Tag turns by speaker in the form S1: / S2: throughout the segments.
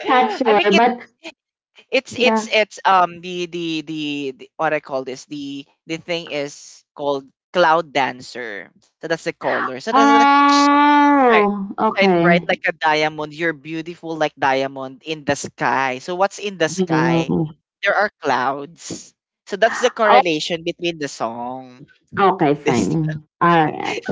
S1: Not
S2: I
S1: sure
S2: think
S1: but
S2: it's
S1: yeah.
S2: it's it's what I call this the thing is called cloud dancer. So that's the color. So that's the, shi-
S1: Oh,
S2: shine bright
S1: okay.
S2: like a diamond. You're beautiful like diamond in the sky. So what's in the sky?
S1: Mm.
S2: There are clouds. So that's the
S1: Oh,
S2: correlation between the song.
S1: okay, fine, all right.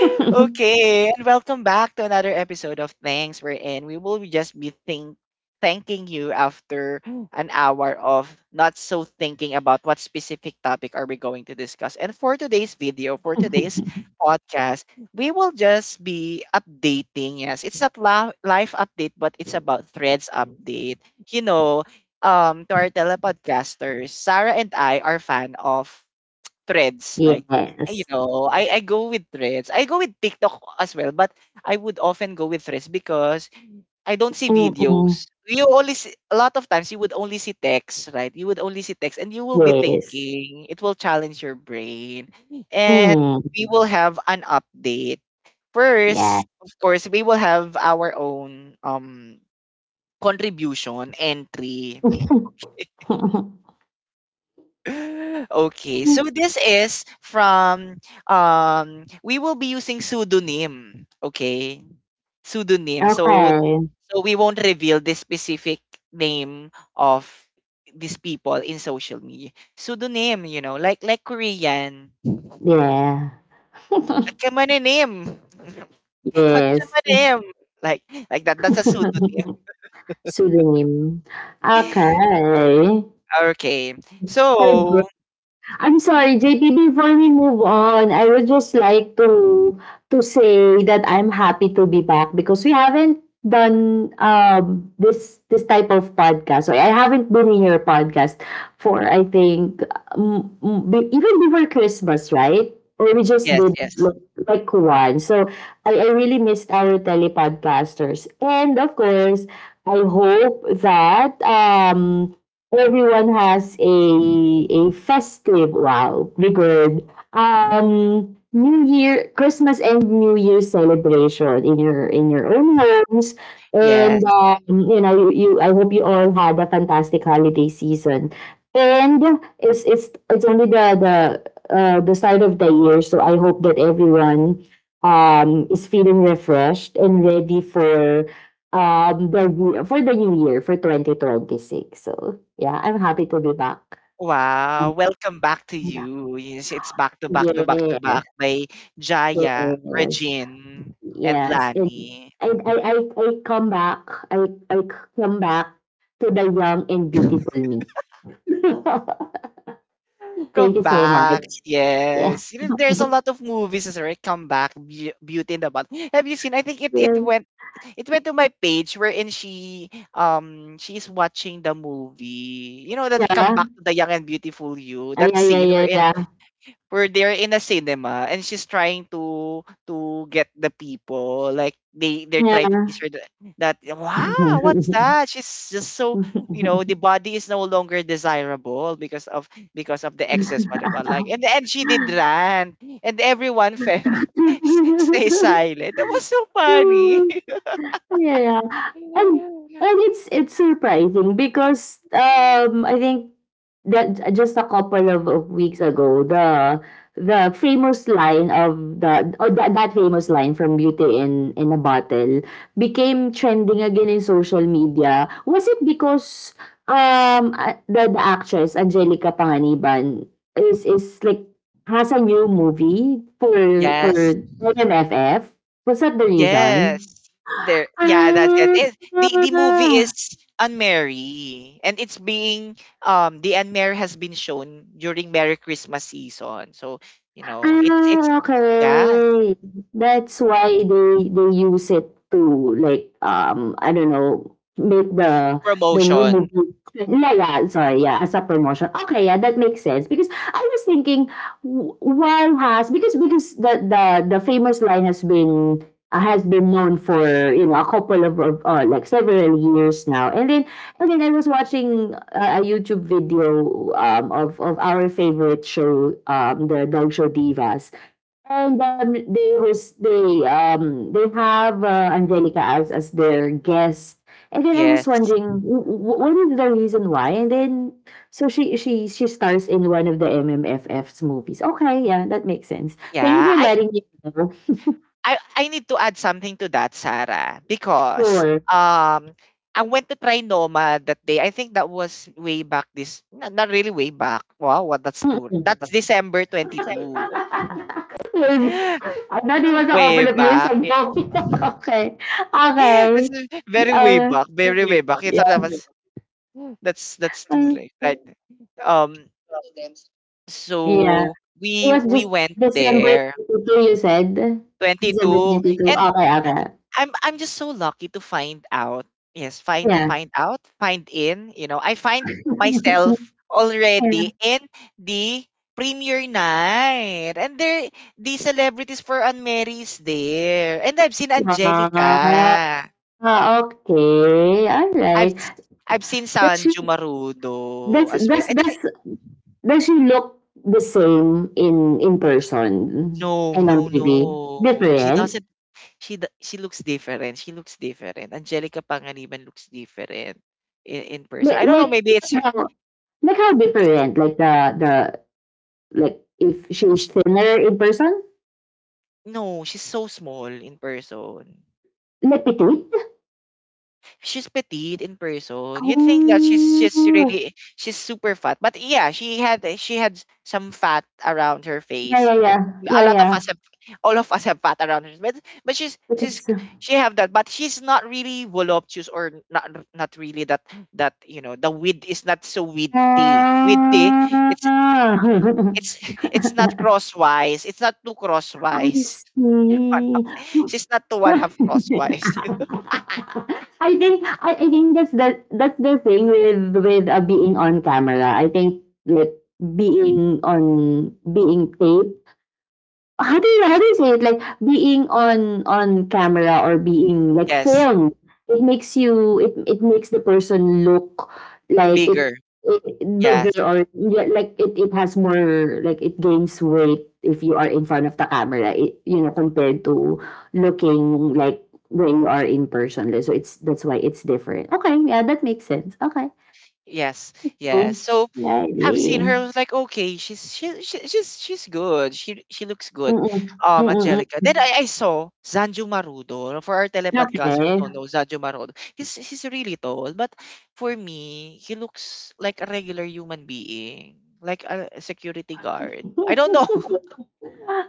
S2: Okay, and welcome back to another episode of Thanks We're In. We will just be think thanking you after an hour of not so thinking about what specific topic are we going to discuss. And for today's podcast, we will just be updating. Yes, it's not live update, but it's about threads update. You know, to our telepodcasters, Sarah and I are fan of threads like
S1: Yes.
S2: I go with threads. I go with TikTok as well, but I would often go with threads because I don't see
S1: Mm-mm.
S2: videos. You only see, a lot of times you would only see text, right? You would only see text, and you will be
S1: Yes.
S2: thinking it will challenge your brain, and
S1: Mm.
S2: we will have an update.
S1: Yeah.
S2: First, of course, we will have our own contribution entry. Okay, so this is from we will be using pseudonym, okay? Pseudonym. So
S1: Okay,
S2: so we won't reveal the specific name of these people in social media. Pseudonym, you know, like Korean.
S1: yeah.
S2: Akamane name.
S1: Yes.
S2: Akamane Like like that. That's a pseudonym.
S1: Pseudonym. Okay.
S2: Okay. So
S1: Favorite. I'm sorry, JP, before we move on, I would just like to say that I'm happy to be back because we haven't done this type of podcast. So I haven't been in your podcast for I think um, um, be- even before Christmas, right? Or we just
S2: yes,
S1: did
S2: yes.
S1: like, like one. So I really missed our telepodcasters. And of course, I hope that everyone has a festive wow be new year, Christmas and new year celebration in your own homes. And
S2: Yes.
S1: you know you I hope you all had a fantastic holiday season. And yeah, it's it's only the the start of the year, so I hope that everyone is feeling refreshed and ready for Um, the ye for the new year, for 2026. So, yeah, I'm happy to be back.
S2: Wow,
S1: Um,
S2: welcome back to
S1: yeah.
S2: you. Yes, it's back to back to back to back
S1: Yes,
S2: by Jaya,
S1: yes,
S2: Regine, and
S1: yes, and
S2: Lani.
S1: I come back, I come back to the young and beautiful me. Thank
S2: Come
S1: you so much.
S2: back.
S1: Yeah.
S2: Yes. You know, there's a lot of movies as right? Come back, Beauty and the Butt. Have you seen? I think
S1: Yeah.
S2: it went to my page wherein she's watching the movie. You know that they come
S1: Yeah.
S2: back to the young and beautiful you.
S1: Ah,
S2: That
S1: yeah, yeah,
S2: scene
S1: yeah,
S2: wherein
S1: yeah.
S2: where they're in a cinema, and she's trying to get the people like they're trying to teach her that wow what's that she's just so you know the body is no longer desirable because of the excess what it was like, and she did rant, and everyone fell stay silent. That was so funny.
S1: Yeah. Yeah, yeah. And and it's surprising because I think that just a couple of weeks ago the famous line of the or that famous line from Beauty in a Bottle became trending again in social media. Was it because um the actress Angelica Panganiban is like has a new movie for
S2: Yes.
S1: MFF? Was that the reason?
S2: Yes. There. Yeah, that's yes.
S1: Ah,
S2: it. The movie is Unmarry, and it's being the Unmarry has been shown during Merry Christmas season. So, you know, it's
S1: ah,
S2: yeah,
S1: okay. That's why they use it to like, I don't know, make the new
S2: promotion.
S1: movie, yeah, yeah, sorry, yeah, as a promotion. Okay, yeah, that makes sense because I was thinking why has, because because the the famous line has been known for, you know, a couple of, like several years now. And then I mean, I was watching a YouTube video of our favorite show, the Dog Show Divas, and they was they they have Angelica as their guest, and then I was
S2: Yes.
S1: wondering what is the reason why, and then so she stars in one of the MMFF's movies. Okay, yeah, that makes sense. Thank you
S2: Yeah,
S1: for
S2: I
S1: letting me know.
S2: I I need to add something to that, Sarah, because
S1: Sure.
S2: I went to try Noma that day. I think that was way back. This not, not really way back. Wow, what that's two.
S1: Mm-mm.
S2: That's December 22.
S1: I thought it was a
S2: Way
S1: couple of years
S2: back.
S1: ago. Okay. Okay.
S2: That's very way
S1: Uh,
S2: back, very way back. I thought
S1: yeah.
S2: that was that's too
S1: uh,
S2: late, right? Um,
S1: Yeah.
S2: so
S1: It
S2: we
S1: was
S2: we
S1: just
S2: went
S1: December
S2: there,
S1: 22, you said? December
S2: 22,
S1: 22.
S2: and
S1: Okay, okay.
S2: I'm just so lucky to find out. Yes, find
S1: Yeah.
S2: find out, find in. You know, I find myself
S1: Yeah.
S2: already in the premiere night, and there the celebrities for Unmarried is there, and I've seen Angelica.
S1: Ah, okay. All
S2: I've
S1: right.
S2: s I've seen
S1: Does she
S2: Sanju
S1: does
S2: Marudo as well.
S1: does
S2: I
S1: does
S2: didn't
S1: does she look the same in person
S2: No,
S1: and on
S2: no,
S1: TV?
S2: no. She
S1: Different?
S2: doesn't she looks different, she looks different. Angelica Panganiban looks different in person.
S1: Like
S2: I don't know,
S1: like
S2: maybe it's her
S1: like how, like how
S2: it's
S1: different? Like the like if she's
S2: sh
S1: thinner in person,
S2: no, she's so small in person.
S1: like petite.
S2: She's petite in person. You think that
S1: Oh,
S2: she's super fat, but yeah, she had some fat around her
S1: yeah,
S2: face.
S1: yeah,
S2: You
S1: yeah.
S2: know, a
S1: Yeah,
S2: lot of
S1: yeah,
S2: us have all of us have fat around her, but but
S1: because.
S2: she have that, but she's not really voluptuous or not not really that that you know the width is not so widthy. Widthy, it's
S1: Ah.
S2: it's it's not crosswise. It's not too
S1: I
S2: crosswise. One
S1: see.
S2: half- She's not too one half crosswise.
S1: I think I think that's the thing with, being on camera. I think, like, being on being taped. How do you say it? Like being on camera or being like
S2: Yes,
S1: filmed, it makes you it makes the person look like
S2: bigger.
S1: it
S2: Yeah,
S1: bigger, or yeah, like it has more like it gains weight if you are in front of the camera. It, you know, compared to looking like when you are in person. Like, so it's that's why it's different. Okay, yeah, that makes sense. Okay.
S2: yes,
S1: Okay.
S2: yes. So I've seen her. I
S1: Alrighty.
S2: was like, okay, she's good. She looks good.
S1: Mm-mm.
S2: Angelica.
S1: Mm-mm.
S2: Then I saw Zanjo Marudo. For our telepodcaster who
S1: Okay.
S2: don't know Zanjo Marudo, he's really tall, but for me, he looks like a regular human being, like a security guard. I don't know.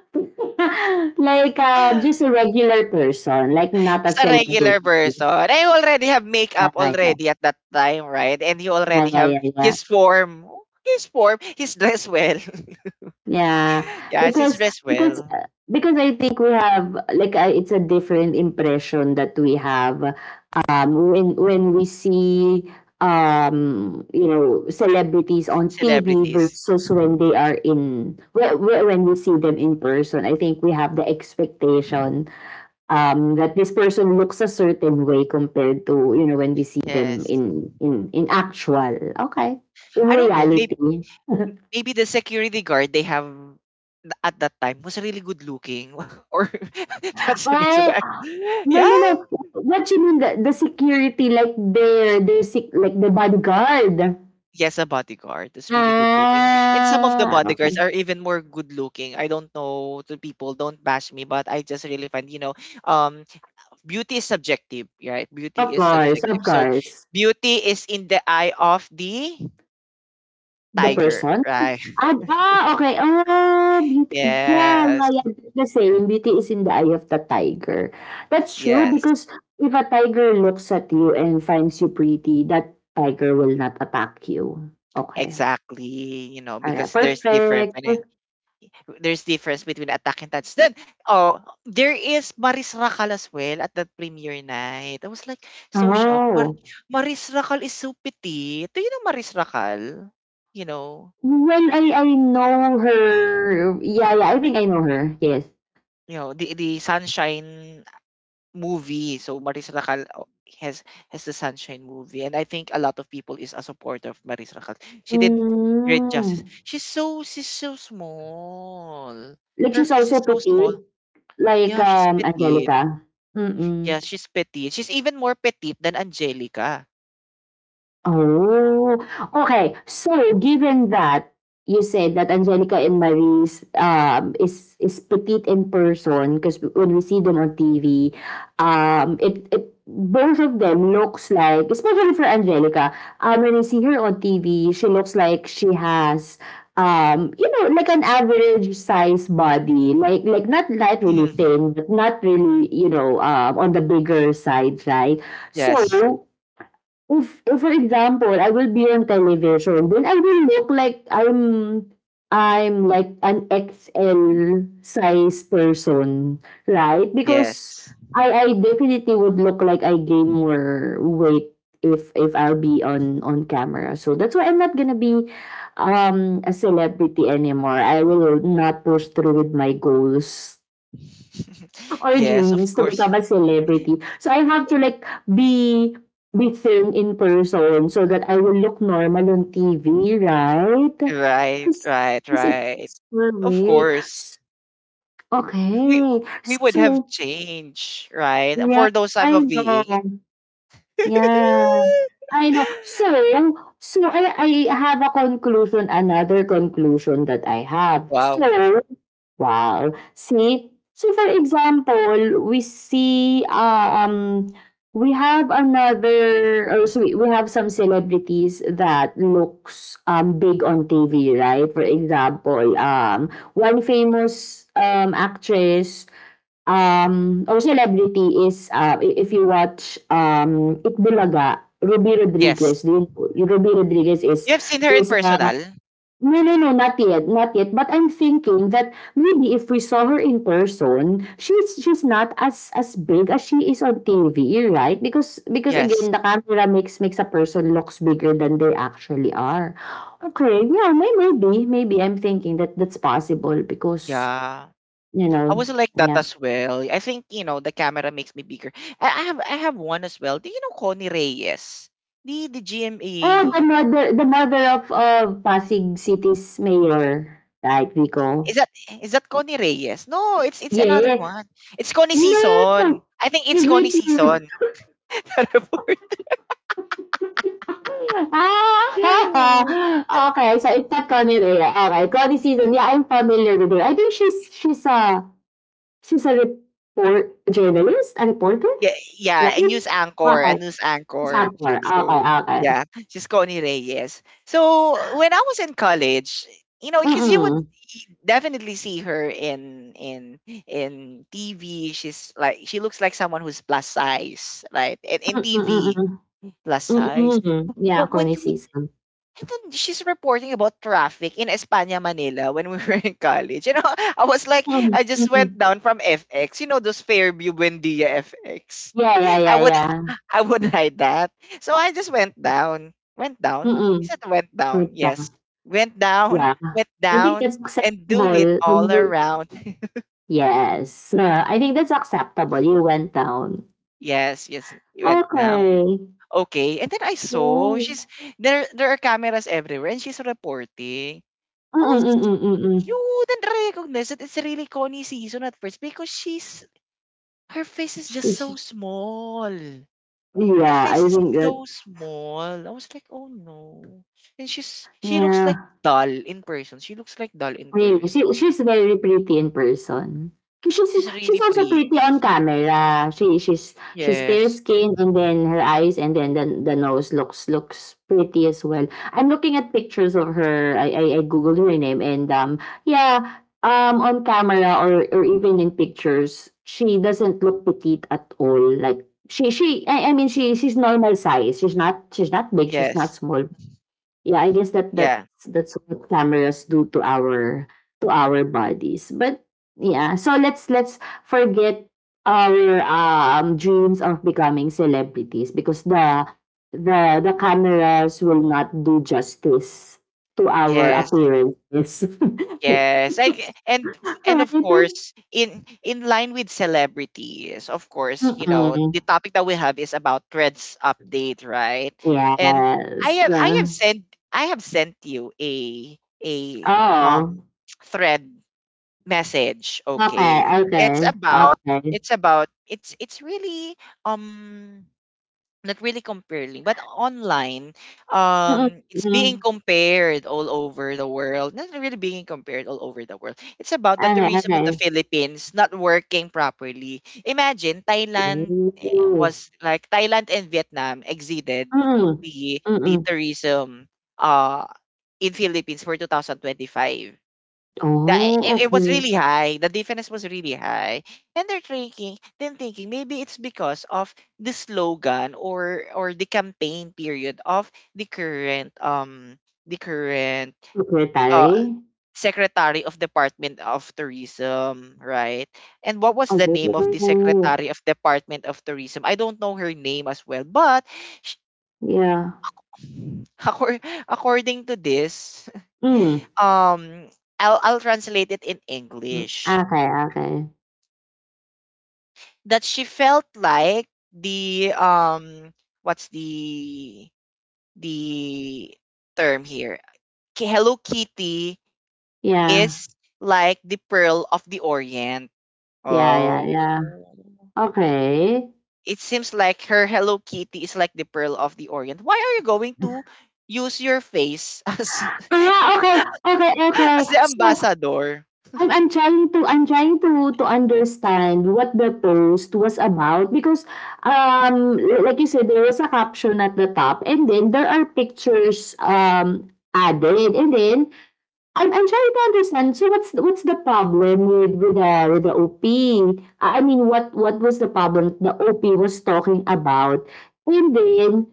S1: Like, just a regular person, like not a
S2: Just a
S1: celebrity.
S2: regular person. I already have
S1: Yeah,
S2: makeup
S1: yeah,
S2: already at that time, right? And he
S1: yeah,
S2: already
S1: yeah,
S2: have
S1: yeah. Yeah.
S2: his form. His form, he's dressed well.
S1: Yeah,
S2: Yes, it's
S1: because
S2: as well,
S1: because I think we have like it's a different impression that we have when when we see you know celebrities on TV
S2: celebrities.
S1: versus when they are in when when we see them in person. I think we have the expectation that this person looks a certain way compared to you know when we see them
S2: Yes.
S1: in in actual, okay, in
S2: I don't know, maybe
S1: reality.
S2: maybe the security guard they have at that time was really good looking or that's the reason
S1: Oh,
S2: why.
S1: no,
S2: Yeah.
S1: no, no, what you mean the security like their their like the bodyguard.
S2: Yes, a bodyguard is really good looking. And some of the
S1: Ah,
S2: bodyguards
S1: okay.
S2: are even more good looking. I don't know to people, don't bash me, but I just really find, you know, um beauty is subjective, right?
S1: Of
S2: Beauty is
S1: course, of
S2: subjective. So
S1: course,
S2: beauty is in the eye of the
S1: the
S2: tiger,
S1: person.
S2: right?
S1: Ah, okey, ah, beauty, yeah, yeah,
S2: Yes.
S1: yeah, that's the saying, "Beauty is in the eye of the tiger." That's true
S2: Yes.
S1: because if a tiger looks at you and finds you pretty, that tiger will not attack you. Okay,
S2: Exactly, you know,
S1: alright,
S2: because
S1: perfect.
S2: there's difference between Attack and Titan. Then, oh, there is Maris Rakal as well at that premiere night. I was like so shocked.
S1: Oh,
S2: Maris Rakal is so petite. Do you know Maris Rakal? You know,
S1: well, I know her. Yeah, yeah, I think I know her, yes.
S2: you know the Sunshine movie. So Maris Rakal has has the Sunshine movie, and I think a lot of people is a supporter of Maris Rakal. She did great
S1: Hmm,
S2: justice. She's so small
S1: like
S2: her
S1: she's
S2: face
S1: also
S2: is so small.
S1: petite, like,
S2: Yeah, she's petite.
S1: Angelica? Mm.
S2: Yeah, she's petite. She's even more petite than Angelica.
S1: Oh, okay. So given that you said that Angelica and Maris is petite in person, because when we see them on TV, it both of them looks like, especially for Angelica, when you see her on TV, she looks like she has you know, like an average size body, like like not not really
S2: Mhm.
S1: thin, but not really you know on the bigger side, right?
S2: Yes.
S1: So if for example, I will be on television, then I will look like I'm I'm like an XL size person, right? Because
S2: Yes.
S1: I definitely would look like I gain more weight if I'll be on camera. So that's why I'm not gonna be a celebrity anymore. I will not push through with my goals or
S2: Yes, of
S1: dreams to
S2: course.
S1: become a celebrity. So I have to like be be thin in person so that I will look normal on TV, right?
S2: Right,
S1: Cause,
S2: right,
S1: cause
S2: right.
S1: it's well,
S2: Of
S1: wait.
S2: course. We
S1: Okay.
S2: we would have
S1: So
S2: changed, right?
S1: yeah,
S2: For those time
S1: I
S2: of
S1: know.
S2: being.
S1: Yeah. I know. So I have a conclusion, another conclusion that I have.
S2: Wow.
S1: So wow. See? So for example, we see um we have another or so we have some celebrities that looks big on TV, right? For example, one famous actress or celebrity is if you watch Ikbulaga, Ruby
S2: Yes.
S1: Rodriguez. Ruby Rodriguez
S2: You have seen her in
S1: is a.
S2: personal?
S1: No, no, no, not yet, not yet. But I'm thinking that maybe if we saw her in person, she's she's not as big as she is on TV, right? Because because again,
S2: Yes.
S1: the camera makes makes a person looks bigger than they actually are. Okay, yeah, may, maybe, maybe I'm thinking that that's possible because
S2: Yeah.
S1: you
S2: I
S1: know,
S2: wasn't like that
S1: yeah.
S2: as well. I think, you know, the camera makes me bigger. I have one as well. Do you know Connie Reyes? The GMA
S1: Oh, the mother of Pasig City's mayor, right,
S2: is
S1: Vico?
S2: that is that Connie Reyes? No, it's another
S1: Yeah.
S2: one. It's Connie Season.
S1: No,
S2: I think
S1: I
S2: it's Connie
S1: hate you.
S2: Season. Terrible.
S1: Ah, okay, so it's not Connie Rhea. Okay, Connie Season. Yeah, I'm familiar with her. I think she's a she's a report journalist, a reporter,
S2: Yeah,
S1: right?
S2: yeah, a news anchor, a
S1: Okay,
S2: news
S1: she's a
S2: anchor.
S1: reporter. Okay,
S2: So,
S1: okay.
S2: yeah, she's Connie Reyes. So, when I was in college, you know, because you would
S1: Mm-mm.
S2: definitely see her in TV. She's like she looks like someone who's plus size, right? In TV,
S1: Mm-mm.
S2: plus size.
S1: Mm-mm. Yeah,
S2: But when
S1: Connie
S2: you
S1: Season.
S2: and then she's reporting about traffic in Espana, Manila when we were in college. You know, I was like,
S1: Mm-mm.
S2: I just went
S1: Mm-mm.
S2: down from FX. You know, those Fairview Buendia FX.
S1: Yeah, yeah,
S2: I
S1: yeah,
S2: would,
S1: yeah.
S2: I would ride that. So I just went down, went down. Is
S1: Mm-mm.
S2: that went
S1: For
S2: down? Yes,
S1: the, yeah.
S2: went
S1: I think
S2: down,
S1: that's
S2: and do it
S1: acceptable. I
S2: all
S1: mean,
S2: around.
S1: yes. I think that's acceptable. You went down.
S2: Yes, yes, it went down.
S1: Okay.
S2: Okay, and then I saw she's
S1: Well,
S2: there. There are cameras everywhere, and she's reporting.
S1: mm,
S2: I was
S1: mm, mm, mm.
S2: you wouldn't recognize that it's really Connie season at first because she's her face is just so
S1: She's
S2: small. The
S1: yeah, I
S2: face is
S1: think that,
S2: so small. I was like, oh no. And she looks like
S1: yeah.
S2: doll in person. She looks like doll in person.
S1: Really, she she's very pretty in person. She's
S2: She's really
S1: she's also
S2: pretty.
S1: pretty on camera. She she's fair
S2: Yes.
S1: skinned and then her eyes and then the nose looks looks pretty as well. I'm looking at pictures of her. I googled her name and yeah on camera or even in pictures she doesn't look petite at all. Like she I mean she she's normal size. She's not big. She's not
S2: Yes.
S1: small. Yeah, I guess that
S2: Yeah.
S1: that's that's what cameras do to our bodies. But yeah, so let's let's forget our dreams of becoming celebrities because the cameras will not do justice to our
S2: Yes.
S1: appearances.
S2: Yes, like and
S1: Right?
S2: of course in line with celebrities, of course, you know,
S1: Mm-mm.
S2: the topic that we have is about Threads update, right? And
S1: Yes.
S2: I have I have sent I have sent you a um
S1: Oh.
S2: thread message,
S1: Okay.
S2: okay.
S1: Okay. Okay.
S2: It's really um not really comparing, but online,
S1: Mm-mm.
S2: it's being
S1: Mm.
S2: compared all over the world. Not really being compared all over the world. It's about the
S1: Okay.
S2: tourism of the
S1: Okay.
S2: Philippines not working properly. Imagine Thailand eh,
S1: Ooh.
S2: was like Thailand and Vietnam exceeded
S1: Mm,
S2: the
S1: mm.
S2: tourism uh in Philippines for 2025. That
S1: Oh,
S2: it was
S1: okay.
S2: really high. The defense was really high, and they're thinking, then thinking maybe it's because of the slogan or the campaign period of the current uh
S1: Secretary?
S2: secretary of department of tourism, right? And what was the name of the
S1: Oh,
S2: secretary of department of tourism? I don't know her name as well, but sh-
S1: yeah.
S2: accor- according to this,
S1: Hmm.
S2: um, I'll translate it in
S1: Hmm,
S2: English.
S1: okay, okay.
S2: That she felt like the what's the term here hello kitty
S1: Yeah.
S2: is like the pearl of the orient.
S1: Yeah, yeah, yeah.
S2: Oh.
S1: Okay.
S2: It seems like her hello kitty is like the pearl of the orient. Why are you going to use your face
S1: Ah, okay, okay, okay.
S2: as the
S1: So,
S2: ambassador
S1: I'm trying to to understand what the post was about because, like you said, there was a caption at the top and then there are pictures, added. And then I'm I'm trying to understand. So what's the problem with the OP? I mean, what what was the problem the OP was talking about? And then,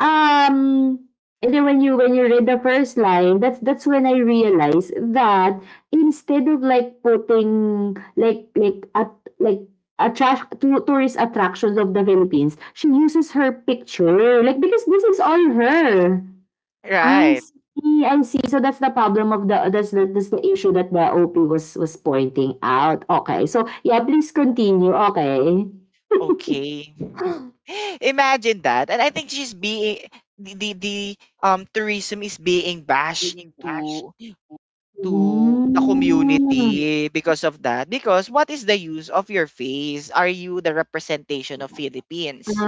S1: um, and then when you read the first line, that's that's when I realized that instead of like putting like like at like attract to tourist attractions of the Philippines, she uses her picture like because this is all her. I
S2: right.
S1: see, I see. So that's the problem of the that's the that's the issue that the OP was pointing out. Okay. So yeah, please continue. Okay.
S2: Okay. Imagine that. And I think she's being the tourism is being bashed to the
S1: Hmm.
S2: community because of that. Because what is the use of your face? Are you the representation of Philippines?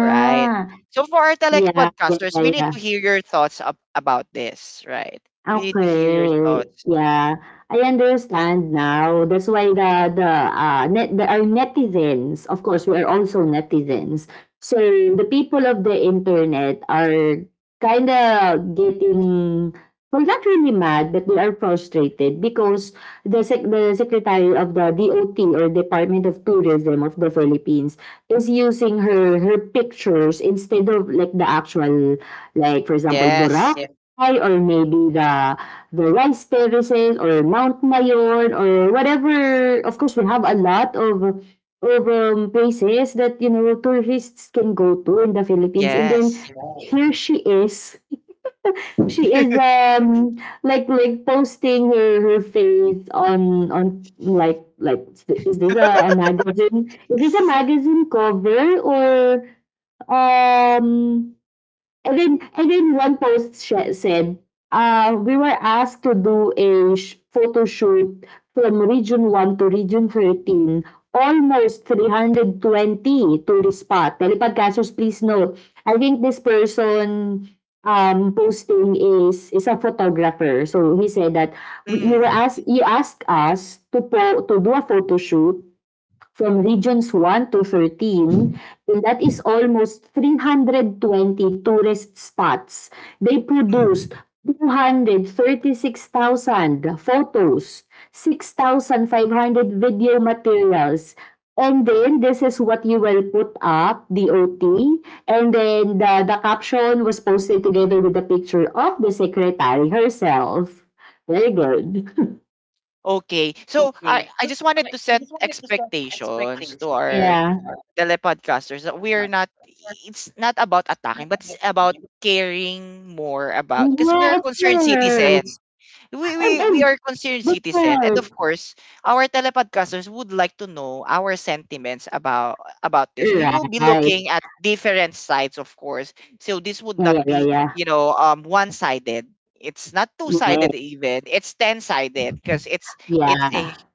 S2: Right? So for our
S1: Yeah, yeah,
S2: telepodcasters,
S1: yeah,
S2: we need
S1: yeah.
S2: to hear your thoughts up, about this, right? We need to hear your
S1: Okay,
S2: thoughts.
S1: yeah, I understand now. That's why the, net There are netizens. Of course, we are also netizens. So the people of the internet are kind of getting, well, not really mad, but they are frustrated because the secretary of the DOT, or Department of Tourism of the Philippines, is using her her pictures instead of, like the actual, like, for example,
S2: Yes.
S1: Boracay, ay, or maybe the rice terraces or Mount Mayon or whatever. Of course, we have a lot of places that, you know, tourists can go to in the Philippines. And then
S2: Yes.
S1: here she is. She is like posting her her face on like is this a magazine? Is this a magazine cover or um And then one post said, we were asked to do a photo shoot from Region 1 to Region 13, almost 320 tourist spot. Telepodcasters, please note, I think this person, posting, is a photographer. So he said that,
S2: Mm.
S1: you asked us to do a photo shoot from regions 1 to 13, and that is almost 320 tourist spots. They produced
S2: Mm.
S1: 236,000 photos, 6,500 video materials, and then this is what you will put up, DOT, and then the caption was posted together with the picture of the secretary herself. Very good.
S2: Okay. So I just wanted to set expectations to our
S1: Yeah.
S2: telepodcasters that we're not, it's not about attacking but it's about caring more about because
S1: Yeah,
S2: we're
S1: of
S2: concerned citizens,
S1: course.
S2: we we
S1: And,
S2: we are
S1: and
S2: concerned
S1: but like,
S2: citizen, and
S1: right.
S2: of course our telepodcasters would like to know our sentiments about this. We
S1: Yeah,
S2: will be
S1: right.
S2: looking at different sides, of course, so this would not
S1: Yeah, yeah,
S2: be,
S1: yeah.
S2: one sided. It's not two
S1: Yeah,
S2: sided, even it's ten sided because it's a
S1: yeah.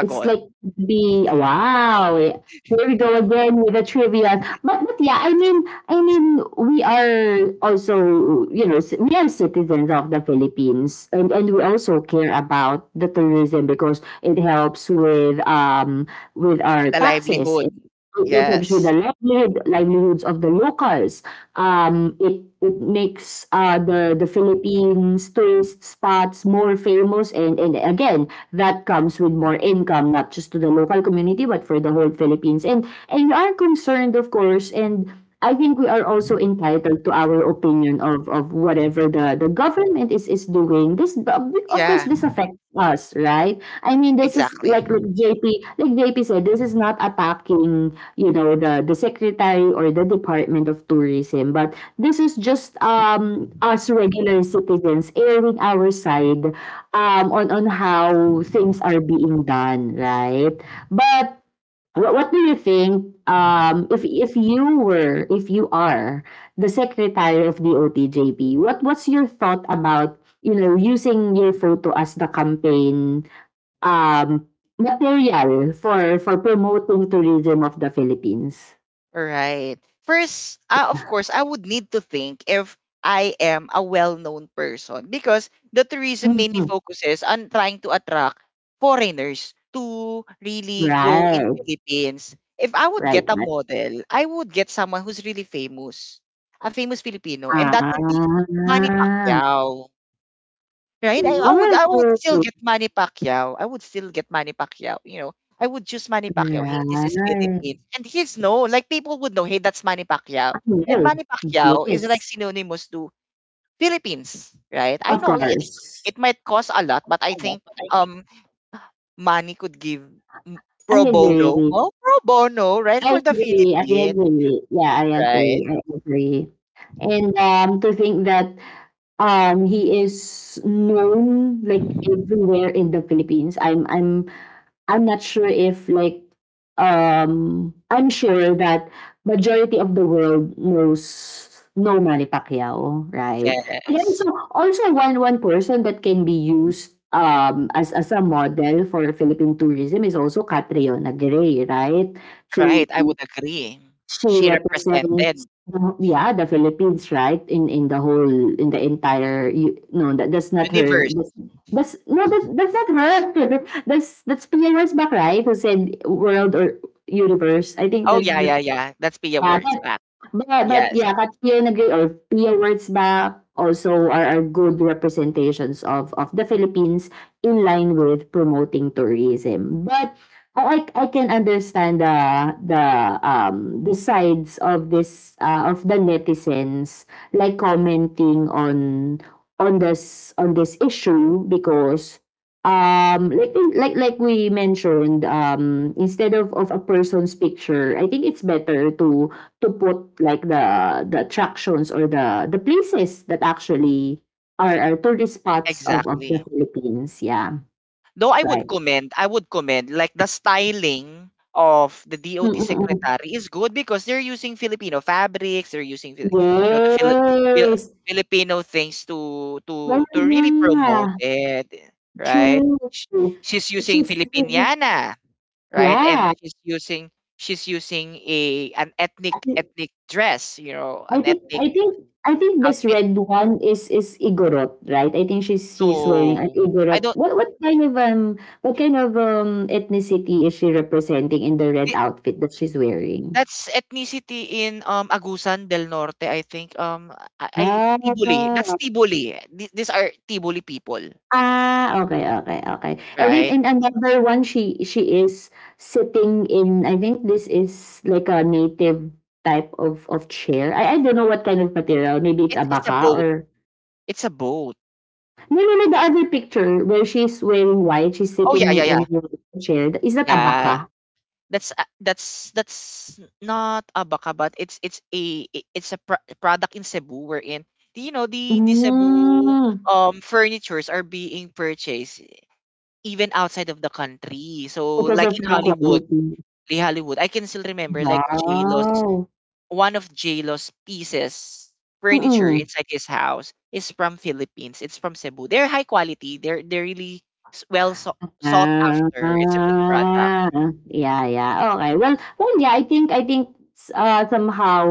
S1: It's like, be wow. Here we go again with the trivia. But yeah, I mean, we are also, you know, we are citizens of the Philippines, and we also care about the tourism because it helps with with our
S2: The
S1: taxes.
S2: livelihood.
S1: It helps with the
S2: Yes.
S1: livelihoods of the locals. It makes, the Philippines tourist spots more famous, and again, that comes with more income, not just to the local community, but for the whole Philippines. And we are concerned, of course, and I think we are also entitled to our opinion of whatever the government is doing. This, of course,
S2: Yeah,
S1: this affects us, right? I mean, this is
S2: exactly.
S1: like JP said, this is not attacking, you know, the secretary or the Department of Tourism, but this is just us regular citizens airing our side on how things are being done, right? But what do you think, if you were if you are the secretary of the OTJP, what's your thought about, you know, using your photo as the campaign, um, material for promoting tourism of the Philippines.
S2: Right. First, of course, I would need to think if I am a well-known person because the tourism mainly
S1: Mhm.
S2: focuses on trying to attract foreigners to really go in
S1: Right.
S2: Philippines. If I would get
S1: Right,
S2: a
S1: right.
S2: model, I would get someone who's really famous, a famous Filipino, and that would be Manny
S1: Ah.
S2: Pacquiao. Right? I would still
S1: Good.
S2: get Manny Pacquiao. I would still get Manny Pacquiao. You know, I would choose Manny Pacquiao. Hey, this is
S1: Right.
S2: Philippines. And he's known. Like people would know, hey, that's Manny Pacquiao.
S1: I
S2: And
S1: will.
S2: Manny Pacquiao is like
S1: Yes.
S2: synonymous to Philippines, right? I
S1: Of
S2: know it,
S1: course.
S2: it might cost a lot, but I think um Manny could give m-
S1: I
S2: pro bono.
S1: agree.
S2: Well, pro bono, right? For
S1: I
S2: the
S1: agree. I
S2: Philippines,
S1: agree. Yeah, I
S2: right?
S1: agree. I agree. And to think that, he is known like everywhere in the Philippines. I'm not sure if, like um I'm sure that majority of the world knows, no, Manny Pacquiao, right? And
S2: Yes.
S1: also also one person that can be used, as a model for Philippine tourism, is also Catriona Gray, right? She
S2: Right, I would agree.
S1: She
S2: She
S1: represents
S2: represented
S1: the, yeah, the Philippines, right? In the whole, in the entire, you, no, that that's not her.
S2: universe.
S1: That's no, that's not her. That's Pia Rosbach, right? Who said world or universe. I think
S2: Oh,
S1: that's
S2: yeah,
S1: the,
S2: yeah, yeah. That's Pia
S1: yeah.
S2: works
S1: But
S2: back.
S1: but
S2: Yes,
S1: yeah, Katria Nagri or Pia Words Back also are good representations of the Philippines in line with promoting tourism. But I can understand the the sides of this, of the netizens, like, commenting on this issue because, like we mentioned, instead of a person's picture, I think it's better to put, like, the attractions or the places that actually are tourist spots of the
S2: exactly.
S1: Philippines, yeah,
S2: Though
S1: right.
S2: I would commend, like the styling of the
S1: Mm,
S2: DOT
S1: mm. Mm.
S2: secretary is good because they're using Filipino fabrics, they're using Fili- you know the Fili- Fil-
S1: Yes.
S2: Filipino things
S1: Yeah,
S2: to
S1: yeah,
S2: really promote
S1: yeah.
S2: it, right?
S1: True.
S2: Sh- She's using
S1: She's
S2: Filipiniana, right? And
S1: yeah.
S2: she's using a an ethnic
S1: I
S2: ethnic dress, you know, an
S1: think
S2: ethnic
S1: I think I think this
S2: outfit.
S1: red one is Igorot, right? I think she's wearing an
S2: No, I
S1: Igorot.
S2: don't.
S1: What kind of ethnicity is she representing in the red outfit that she's wearing?
S2: That's ethnicity in, Agusan del Norte, I think. I
S1: Ah,
S2: Tiboli. That's Tiboli. Th these are Tiboli people,
S1: ah, okay, okay, okay. And then
S2: right?
S1: in another one, she is sitting in, I think this is like a native type of chair. I don't know what kind of material, maybe it's
S2: It's a
S1: abaca,
S2: boat.
S1: or
S2: It's a boat.
S1: no, no, no, the other picture, where she's wearing white, she's
S2: Oh, yeah,
S1: sitting
S2: yeah,
S1: in
S2: yeah.
S1: a chair. Is that
S2: Yeah.
S1: abaca?
S2: That's a, that's not abaca, but it's a I- it's a pr product in Cebu wherein the- you know the Cebu
S1: Hmm.
S2: furnitures are being purchased even outside of the country. So
S1: Because
S2: like
S1: of
S2: in
S1: the
S2: Hollywood,
S1: quality.
S2: the Hollywood, I can still remember like j
S1: Wow.
S2: one of JLo's pieces, furniture
S1: Mm.
S2: inside his house is from Philippines. It's from Cebu. They're high quality. They're really s- well so- sought after. It's a
S1: Ah,
S2: good product.
S1: yeah, yeah, okay. Well, yeah, I think s somehow,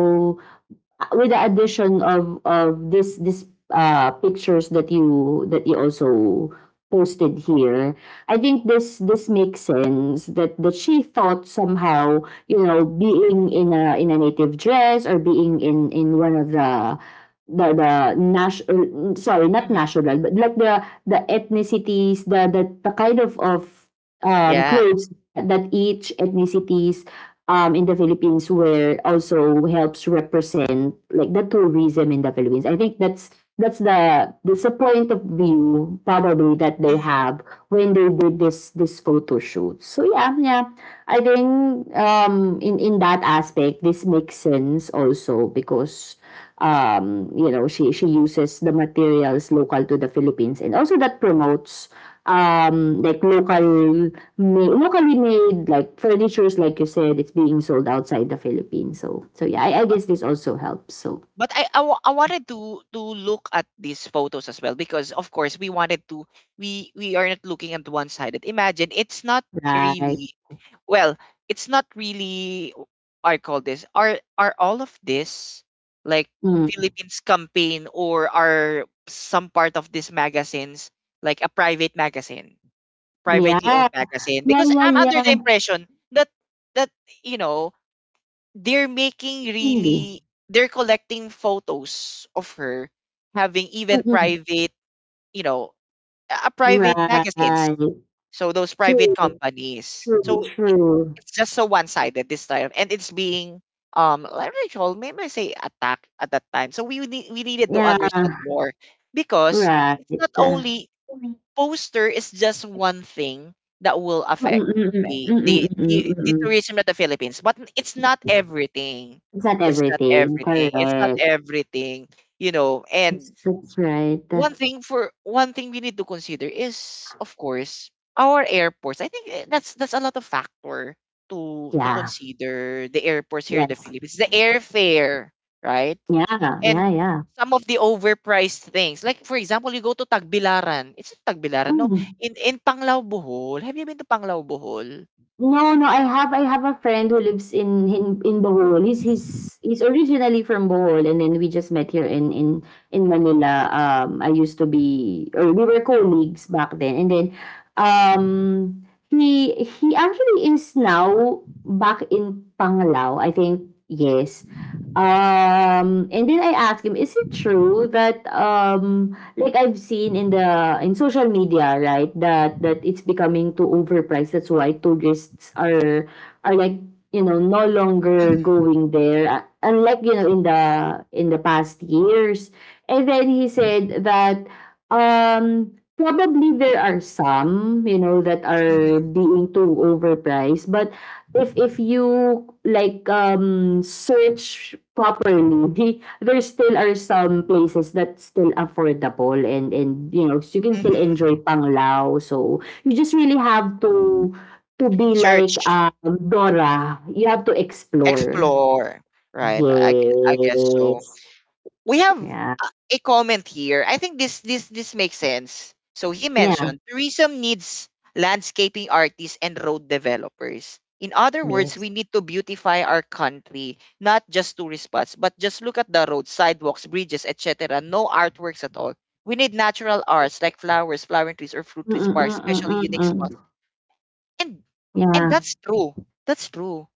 S1: with the addition of this pictures that you also posted here, I think this makes sense, that she thought, somehow, you know, being in a native dress, or being in one of the national, sorry, not
S2: Mhm.
S1: national, but, like, the ethnicities, the, the kind of
S2: Yeah.
S1: clothes that each ethnicities in the Philippines, where also helps represent, like, the tourism in the Philippines. I think that's a point of view probably that they
S2: Mhm.
S1: have when they did this photo shoot. So yeah, yeah. I think, in that aspect, this makes sense also because, you know, she uses the materials local to the Philippines, and also that promotes, like, local, locally made, like, furnitures, like you said, it's being sold outside the Philippines, so, yeah, I guess this also helps, so
S2: But I wa- I wanted to look at these photos as well because of course we wanted to, we are not looking at one sided. Imagine it's not
S1: right.
S2: really, well, it's not really, I call this, are all of this like
S1: Mm.
S2: Philippines campaign, or are some part of these magazines like a private magazine, privately owned
S1: Yeah,
S2: magazine?
S1: yeah,
S2: Because
S1: yeah,
S2: I'm under the
S1: yeah.
S2: impression that that you know they're making
S1: Mm.
S2: really, they're collecting photos of her having even
S1: Mm-mm.
S2: private, you know, a private magazines,
S1: Right.
S2: so those private
S1: True,
S2: companies.
S1: true,
S2: So
S1: true.
S2: it's just so one-sided this time, and it's being, like what do you call, maybe I say attacked at that time, so we need, we needed to
S1: Yeah,
S2: understand more because
S1: right.
S2: it's not only poster is just one thing that will affect
S1: Mm-mm, mm-mm,
S2: the the
S1: mm-mm,
S2: the, the
S1: mm-mm, mm.
S2: tourism of the Philippines, but it's not everything.
S1: It's not
S2: It's not
S1: everything,
S2: everything. It's not
S1: correct.
S2: everything, you know.
S1: that's,
S2: And
S1: that's right.
S2: one thing, for one thing we need to consider is of course our airports. I think that's a lot of factor to
S1: Yeah,
S2: consider. The airports here in the
S1: yes,
S2: philippines, the airfare, right?
S1: yeah, yeah,
S2: And
S1: yeah.
S2: some of the overpriced things, like for example you go to tagbilaran, it's not tagbilaran, no,
S1: Mm.
S2: in in panglao bohol. Have you been to panglao bohol?
S1: No, no, I have a friend who lives in Bohol. He's originally from Bohol, and then we just met here in Manila. I used to be or we were colleagues back then, and then, he actually is now back in Panglao, I think, yes. And then I asked him, is it true that, like, I've seen in the social media, right, that it's becoming too overpriced. That's why tourists are like, you know, no longer going there. Unlike, in the past years. And then he said that, probably there are some, you know, that are
S2: Mhm.
S1: being too overpriced, but if you, like, search properly, there still are some places that's still affordable, and you know, you can still
S2: Hmm.
S1: enjoy Panglao, so you just really have to be, like,
S2: Search.
S1: Dora, you have to explore.
S2: Explore. Right. I guess so.
S1: Yes.
S2: We have
S1: Yeah,
S2: a comment here. I think this this this makes sense. So he
S1: yeah,
S2: mentioned tourism needs landscaping artists and road developers. In other words,
S1: yes.
S2: we need to beautify our country, not just tourist spots, but just look at the roads, sidewalks, bridges, et cetera. No artworks at all. We need natural arts like flowers, flowering trees, or fruit
S1: Mm,
S2: trees,
S1: mm,
S2: parks,
S1: mm, mm,
S2: especially
S1: mm.
S2: unique
S1: Mm.
S2: spots. And and
S1: Yeah,
S2: that's true. That's true,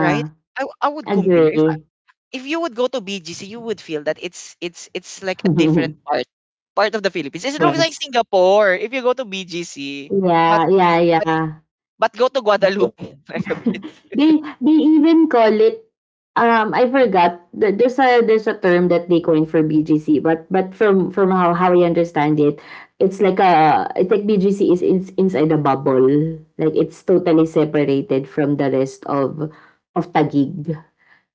S2: right? I would compare,
S1: Agree.
S2: if you would go to BGC, you would feel that it's like a different part part of the Philippines. It looks like
S1: Yes,
S2: Singapore if you go to BGC, but
S1: yeah, yeah,
S2: but
S1: yeah.
S2: but go to Guadalupe like a bit.
S1: They even call it, I forgot, there's a term that they coined for BGC, but from how I understand it, it's like BGC is inside a bubble, like it's totally separated from the rest of Tagig.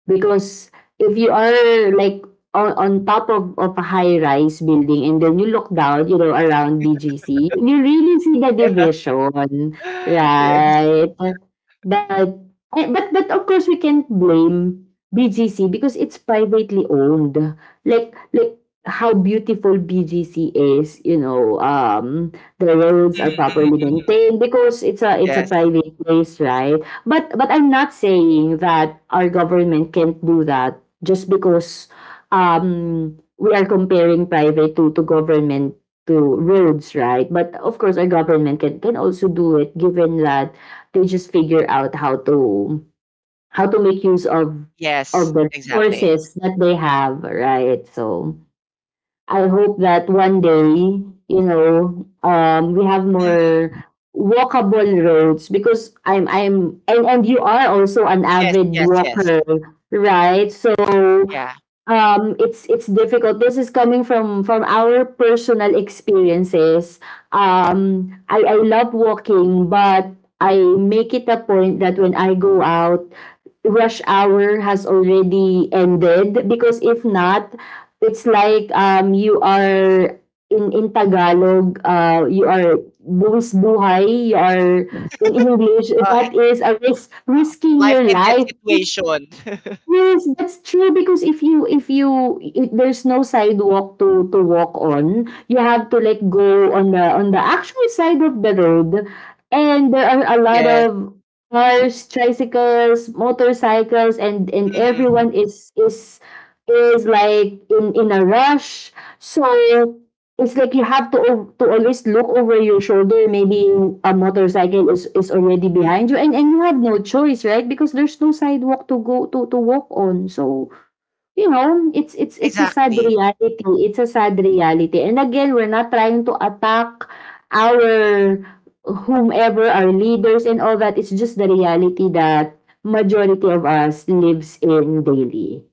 S1: Because if you are, like, on top of a high rise building, and then you look down, around BGC, you really see the division,
S2: Yes.
S1: right? But, but, of course, we can't blame BGC because it's privately owned. Like, how beautiful BGC is, the roads are
S2: Mhm, mhm,
S1: properly
S2: mhm.
S1: maintained, because it's a
S2: Yes.
S1: private place, right? But I'm not saying that our government can't do that just because, we are comparing private to government to roads, right? But of course our government can also do it, given that they just figure out how to make use of
S2: Yes.
S1: of the
S2: Exactly.
S1: resources that they have, right? So I hope that one day, we have more
S2: Mhm.
S1: walkable roads, because I'm, and you are also an
S2: Yes.
S1: avid
S2: Yes. Yes.
S1: walker, right? So,
S2: Yeah.
S1: it's difficult. This is coming from our personal experiences. I love walking, but I make it a point that when I go out, rush hour has already ended, because if not, it's like, you are, in Tagalog, you are buwis buhay, you are, in English,
S2: Uh,
S1: that
S2: eh,
S1: is a risking
S2: life
S1: your
S2: and death
S1: life.
S2: situation.
S1: Yes, that's true, because if you i there's no sidewalk to walk on, you have to, like, go on the actual side of the road, and there are a lot
S2: Yes.
S1: of cars, tricycles, motorcycles, and
S2: Mhm.
S1: everyone is, like, in a rush. So It's like you have to al to always look over your shoulder, maybe a motorcycle is already
S2: Mm.
S1: behind you, and you have no choice, right? Because there's no sidewalk to go to walk on. So, you know, it's a sad
S2: Exactly.
S1: reality, it's a sad reality. And again, we're not trying to attack our whomever, our leaders and all that. It's just the reality that majority of us lives in daily.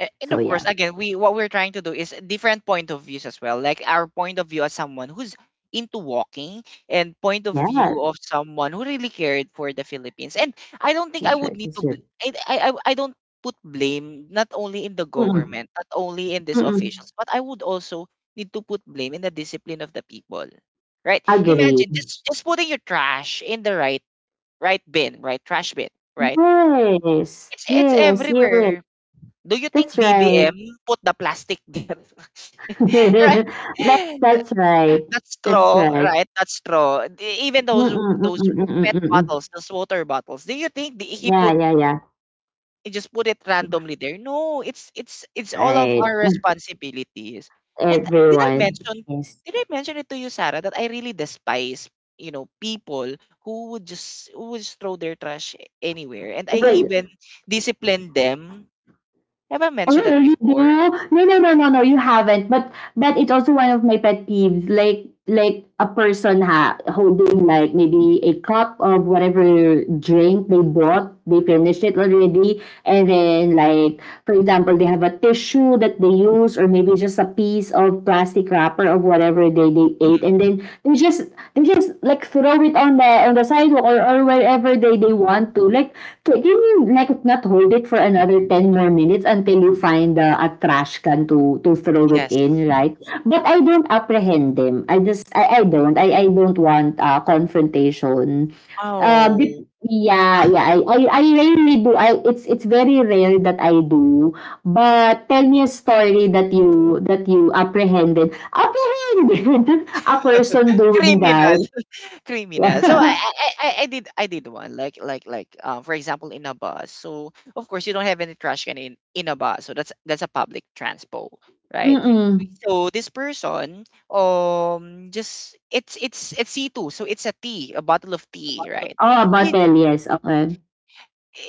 S2: A- and
S1: So
S2: of course
S1: yeah.
S2: again we, what we're trying to do is different point of views as well, like our point of view as someone who's into walking, and point of view
S1: Yeah,
S2: of someone who really cared for the philippines. And I don't think I
S1: that's
S2: would
S1: right,
S2: need to
S1: that's right.
S2: bl-, I don't put blame not only in the
S1: Mm,
S2: government, not only in these
S1: mm.
S2: officials, but I would also need to put blame in the discipline of the people, right?
S1: Agree.
S2: Imagine just putting your trash in the right, right bin, right trash bin, right?
S1: Yes,
S2: It's
S1: yes, yes.
S2: everywhere. Do you think
S1: That's right.
S2: BBM put the plastic there? Right.
S1: that's that's right.
S2: That
S1: That's
S2: straw,
S1: right.
S2: right? That straw. E- Even those
S1: Mm-mm,
S2: those
S1: mm-mm, mm-mm,
S2: PET
S1: mm-mm.
S2: bottles, those water bottles. Do you think the- he
S1: Yeah,
S2: put,
S1: yeah, yeah.
S2: he just put it randomly there? No, it's all of
S1: Right.
S2: our responsibilities. And did I
S1: Everyone.
S2: mention,
S1: Yes.
S2: did I mention it to you, Sarah, that I really despise, you know, people who would just, who would just throw their trash anywhere, and I
S1: Well,
S2: even discipline them. Have I
S1: oh,
S2: mentioned that
S1: you do?
S2: before?
S1: No, no, no, no, no. You haven't. But that is also one of my pet peeves. Like, like a person holding like maybe a cup of whatever drink they bought, they finished it already, and then like for example, they have a tissue that they use, or maybe just a piece of plastic wrapper of whatever they ate, and then they just like throw it on the sidewalk or wherever they want to. Like can you like not hold it for another ten more minutes until you find a trash can to throw it
S2: Yes.
S1: in, right? But I don't apprehend them. I don't I don't want confrontation.
S2: Oh,
S1: Yeah, yeah. I rarely do. I it's very rare that I do. But tell me a story that you apprehended. Apprehended a person doing
S2: criminal,
S1: that.
S2: criminal. So I
S1: Yeah.
S2: I I I did I did one like for example in a bus. So of course you don't have any trash can in a bus. So that's a public transport, right?
S1: Mm-mm.
S2: So this person just it's C2. So it's a tea, a bottle of tea, right?
S1: Oh, a
S2: He
S1: bottle, yes. Okay.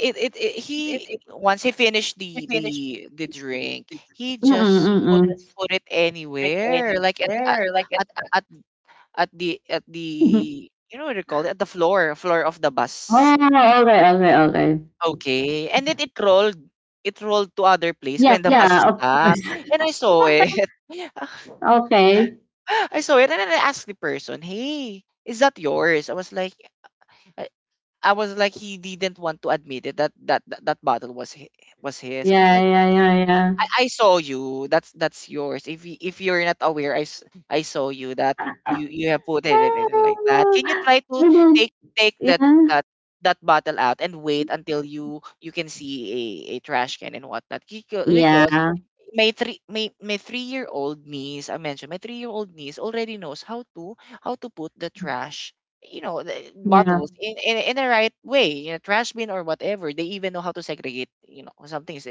S2: it it, it he once he finished the drink, he
S1: Mm,
S2: just put
S1: mm.
S2: put it anywhere like at at at the, at
S1: Mhm.
S2: the, you know what you call it? At the floor of the
S1: Oh,
S2: bus.
S1: okay, okay, okay.
S2: Okay. And then it rolled. It rolled to other place
S1: Yeah,
S2: when the bus
S1: yeah, of course.
S2: stopped. And I saw it.
S1: Okay.
S2: I saw it, and then I asked the person, "Hey, is that yours?" I was like, I, I was like he didn't want to admit it that that bottle was hi-, was his. I was
S1: Yeah,
S2: like,
S1: yeah, yeah, yeah.
S2: I saw you. That's yours. If you, if you're not aware, I saw you that you have put it, it, it like that. Can you
S1: Oh,
S2: try
S1: I
S2: to
S1: did.
S2: take that
S1: Yeah.
S2: that that bottle out and wait until you can see a trash can and whatnot. Beca- because
S1: Yeah.
S2: my 3 year old niece, I mentioned my 3 year old niece already knows how to, how to put the trash, you know the
S1: Yeah.
S2: bottles in the right way in a trash bin or whatever. They even know how to segregate, you know, some things,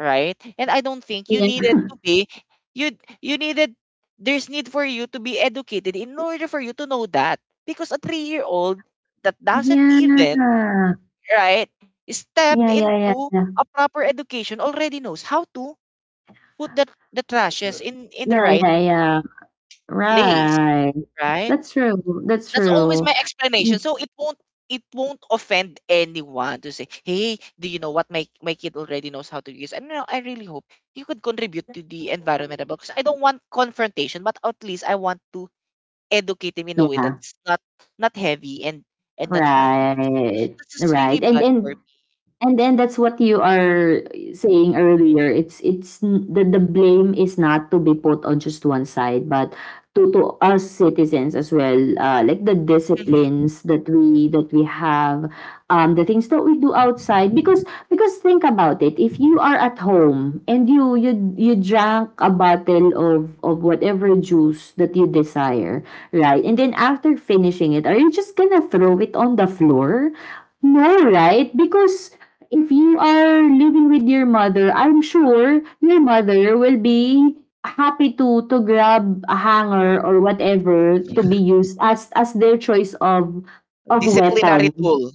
S2: right? And I don't think you
S1: Yeah.
S2: needed to be, you you needed, there's need for you to be educated in order for you to know that, because a 3 year old that doesn't
S1: Yeah.
S2: even, right, step
S1: Yeah, yeah, yeah,
S2: into
S1: yeah.
S2: a proper education already knows how to put the trashes in the
S1: Yeah,
S2: right
S1: yeah, yeah.
S2: place,
S1: Right.
S2: right?
S1: That's true. That's
S2: That's always
S1: true.
S2: my explanation.
S1: Mm,
S2: So it won't, it won't offend anyone to say, "Hey, do you know what my kid already knows how to use?" And you know, I really hope you could contribute to the environment about, because I don't want confrontation, but at least I want to educate him in a way
S1: yeah,
S2: that's not not heavy and not fun.
S1: right.
S2: This is really
S1: Right. And
S2: bad
S1: and
S2: for me.
S1: and then that's what you are saying earlier. It's n- the blame is not to be put on just one side, but to us citizens as well. Like the
S2: Mhm.
S1: disciplines that we have, um, the things that we do outside. Because think about it. If you are at home and you drank a bottle of whatever juice that you desire, right? And then after finishing it, are you just gonna throw it on the floor? No, right? Because if you are living with your mother, I'm sure your mother will be happy to grab a hanger or whatever to be used as their choice of
S2: Disciplinary
S1: weapon.
S2: tool.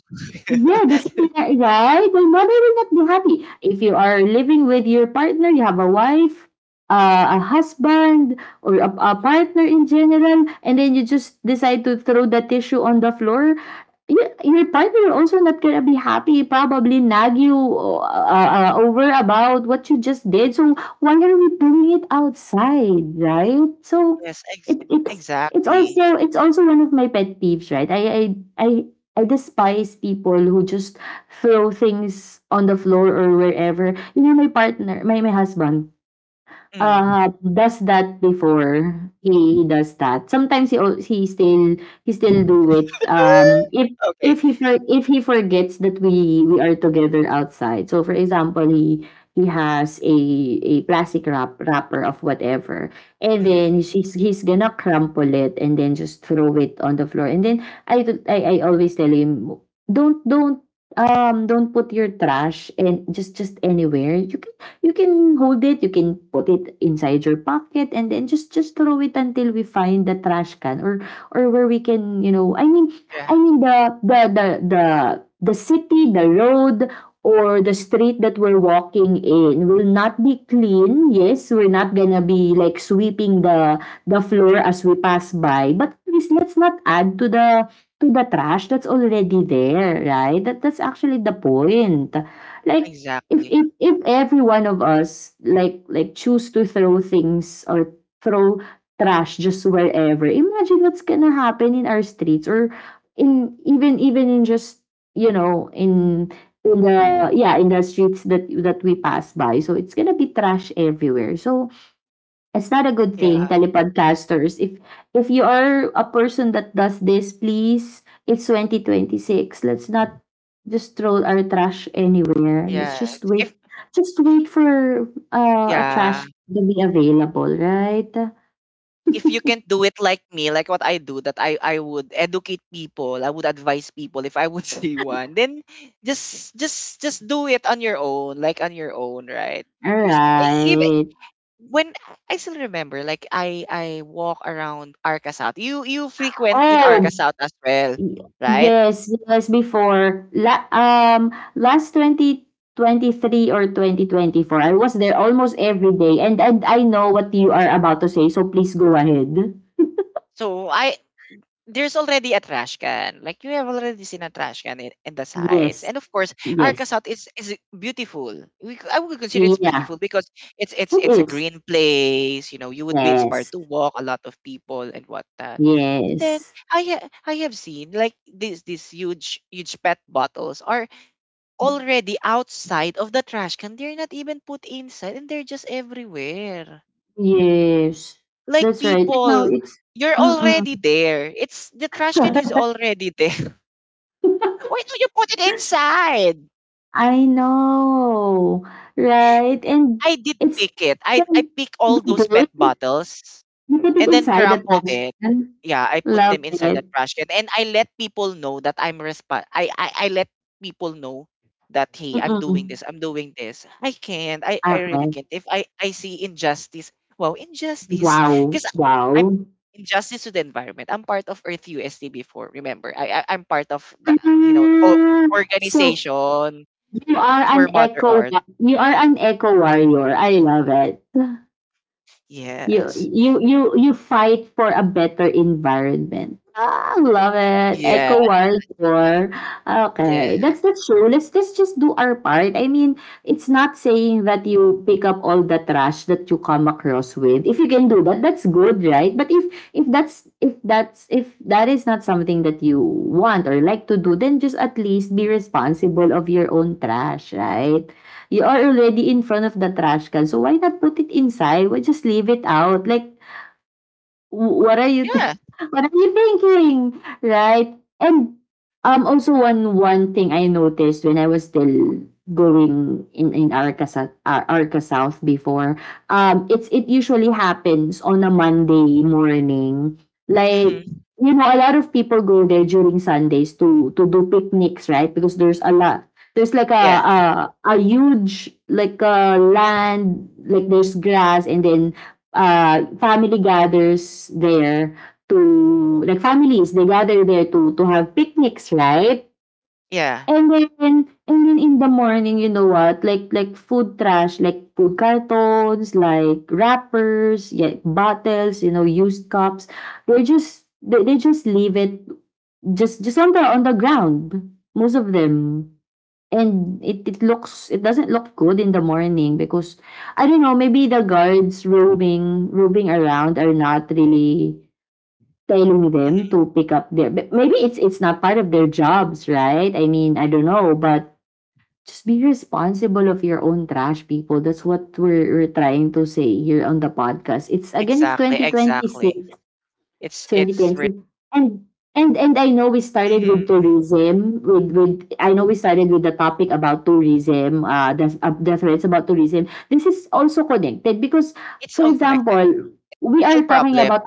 S1: Yeah. Right. Your mother will not be happy if you are living with your partner. You have a wife, a husband, or a partner in general, and then you just decide to throw the tissue on the floor. Your partner also not gonna be happy, probably nag you o over about what you just did, so why are we doing it outside, right? So,
S2: Yes, ex-
S1: it it's it's
S2: exactly.
S1: also it's also one of my pet peeves, right? I I despise people who just throw things on the floor or wherever. You know, my partner, my husband,
S2: Mm.
S1: does that before he does that. Sometimes he still do it. Um,
S2: Okay.
S1: if he forgets that we are together outside. So for example, he has a plastic wrapper of whatever, and
S2: Mhm.
S1: then he's gonna crumple it and then just throw it on the floor. And then I always tell him, don't don't don't put your trash and just anywhere you can hold it, you can put it inside your pocket and then just throw it until we find the trash can or where we can, you know, I mean,
S2: Yeah,
S1: I mean the city, the road or the street that we're walking in will not be clean. Yes, we're not gonna be like sweeping the floor as we pass by, but please let's not add to the trash that's already there, right? That that's actually the point. Like
S2: exactly.
S1: if every one of us like like choose to throw things or throw trash just wherever, imagine what's gonna happen in our streets or in even even in just you know in the yeah in the streets that we pass by, so it's gonna be trash everywhere. So it's not a good thing,
S2: Yeah,
S1: telepodcasters. If you are a person that does this, please, it's twenty twenty six. Let's not just throw our trash anywhere. Let's
S2: yes.
S1: just
S2: If
S1: wait. Just wait for a
S2: yeah,
S1: trash to be available, right?
S2: if you can't do it like me, like what I do, that I would educate people, I would advise people if I would see one, then just do it on your own, like on your own, right?
S1: All
S2: Because I- even
S1: right.
S2: when, I still remember, like I walk around Arca South. You frequent in
S1: Oh,
S2: Arca South as well,
S1: Y-
S2: right?
S1: yes, yes, before la um last 2023 or 2024. I was there almost every day and I know what you are about to say, so please go ahead.
S2: So I, there's already a trash can. Like you have already seen a trash can in the sides.
S1: Yes.
S2: And of course, Arca
S1: Yes.
S2: South is beautiful. We, c- I would consider it's
S1: Yeah,
S2: beautiful because it's
S1: it
S2: a
S1: is.
S2: green place. You know, you would be inspired
S1: Yes.
S2: to walk. A lot of people and whatnot. And then
S1: Yes.
S2: I have seen like these huge pet bottles are already outside of the trash can. They're not even put inside, and they're just everywhere.
S1: Yes.
S2: Like
S1: That's right. And now
S2: people,
S1: it's
S2: you're
S1: mm-mm.
S2: already there. It's the trash can is already there. Why don't you put it inside?
S1: I know. Right? And
S2: I did
S1: it's
S2: pick it. I pick all
S1: you
S2: those pet
S1: did?
S2: bottles
S1: You put it
S2: and then
S1: inside the
S2: crumpled it.
S1: Tazan?
S2: Yeah, I put
S1: Love
S2: them inside the
S1: it.
S2: trash can. And I let people know that I'm resp- I let people know that hey, I'm doing
S1: Mm.
S2: this, I'm doing this. I can't. I really
S1: Okay.
S2: can't. If I see injustice, wow, injustice.
S1: Wow,
S2: Because I'm
S1: wow.
S2: injustice to the environment. I'm part of Earth UST before, remember. I'm part of the
S1: Ah, so
S2: organization
S1: you are
S2: for
S1: an
S2: Mother
S1: eco
S2: Earth.
S1: you are an eco warrior, I love it. you
S2: Yes.
S1: you you you fight for a better environment. Ah, love it.
S2: Yeah,
S1: Eco warrior. Okay,
S2: yeah.
S1: that's true. Let's just do our part. I mean, it's not saying that you pick up all the trash that you come across with. If you can do that, that's good, right? But if if that is not something that you want or like to do, then just at least be
S2: Mhm.
S1: responsible of your own trash, right? You are already in front of the trash can. So why not put it inside? Why just leave it out? Like, W what are you th-
S2: Yeah.
S1: what are you thinking, right? And, um, also one thing I noticed when I was still going in Arca South before, um, it's it usually happens on a Monday morning. Like,
S2: Mhm.
S1: you know, a lot of people go there during Sundays to do picnics, right? Because there's a lot there's like
S2: Yeah,
S1: a, a huge like a land like there's grass and then family gathers there to like families they gather there to have picnics, right?
S2: yeah.
S1: And then and then in the morning you know what like like food trash like food cartons like wrappers, yeah, bottles, you know, used cups, they just they just leave it just just on the ground, most of them. And it looks it doesn't look good in the morning because I don't know, maybe the guards roaming roaming around are not really telling them to pick up their but maybe it's not part of their jobs, right? I mean, I don't know, but just be responsible of your own trash, people. That's what we're trying to say here on the podcast. It's again, it's
S2: Exactly,
S1: twenty twenty six,
S2: exactly. It's re
S1: 2020, and and I know we started
S2: Mhm,
S1: with
S2: mhm.
S1: tourism with I know we started with the topic about tourism, uh, the threats about tourism. This is also connected because
S2: It's
S1: for
S2: all connected.
S1: example we
S2: Social
S1: are talking
S2: problem.
S1: about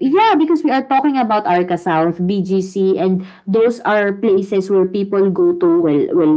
S1: yeah,
S2: Mhm.
S1: because we are talking about Arca South, BGC, and those are places where people go to. Well, well,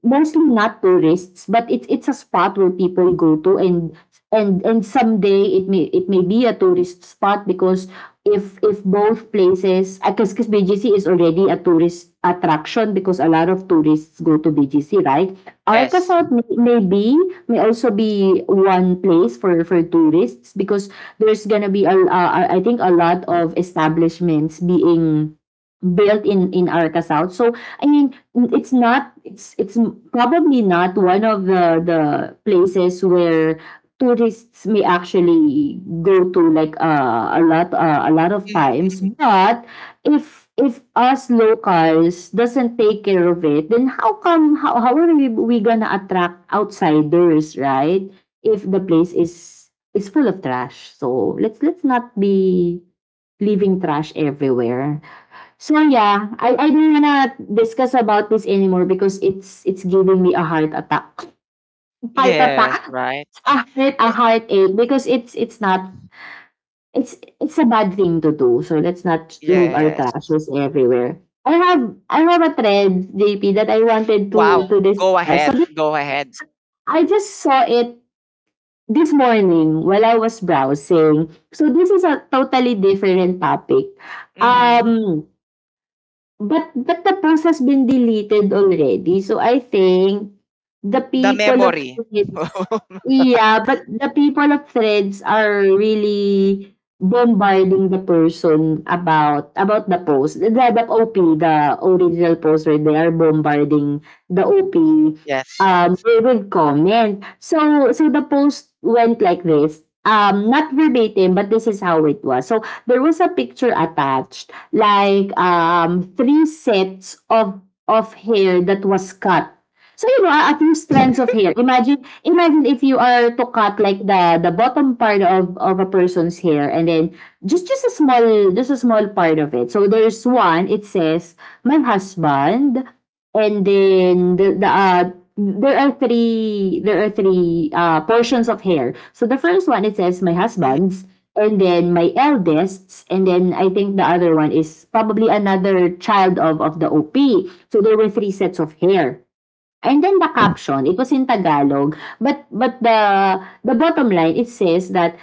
S1: mostly not tourists, but it's a spot where people go to, and and someday it may be a tourist spot because if both places, because BGC is already a tourist attraction because a lot of tourists go to BGC, right? Arca
S2: Yes.
S1: South may be may also be one place for tourists because there's gonna be a I think a lot of establishments being built in Arca South. So I mean, it's probably not one of the places where tourists may actually go to like a lot of
S2: Mhm,
S1: times.
S2: mhm.
S1: But if us locals doesn't take care of it, then how come how how are we gonna attract outsiders, right? If the place is full of trash. So let's not be leaving trash everywhere. So yeah, I don't wanna discuss about this anymore because it's giving me a heart attack. Heart
S2: Yes,
S1: attack.
S2: right?
S1: A heartache because it's not it's a bad thing to do. So let's not leave our
S2: Yes.
S1: trashes everywhere. I have a thread, JP, that I wanted
S2: Wow.
S1: to
S2: Go
S1: discuss. So
S2: ahead,
S1: this,
S2: go ahead.
S1: I just saw it this morning, while I was browsing, so this is a totally different topic.
S2: Mhm.
S1: Um, but the post has been deleted already, so I think the
S2: The
S1: people of
S2: memory.
S1: Threads yeah, but the people of Threads are really bombarding the person about about the post. The OP, the original post where they are bombarding the OP
S2: Yes.
S1: um they would comment. So the post went like this. Um, not verbatim, but this is how it was. So there was a picture attached, like three sets of hair that was cut. So a few strands of hair. Imagine imagine if you are to cut like the bottom part of a person's hair, and then just a small part of it. So there's one, it says my husband, and then there are three portions of hair. So the first one, it says my
S2: Mhm,
S1: husband's, and then my eldest, and then I think the other one is probably another child of the OP. So there were three sets of hair. And then the caption, it was in Tagalog, but the bottom line, it says that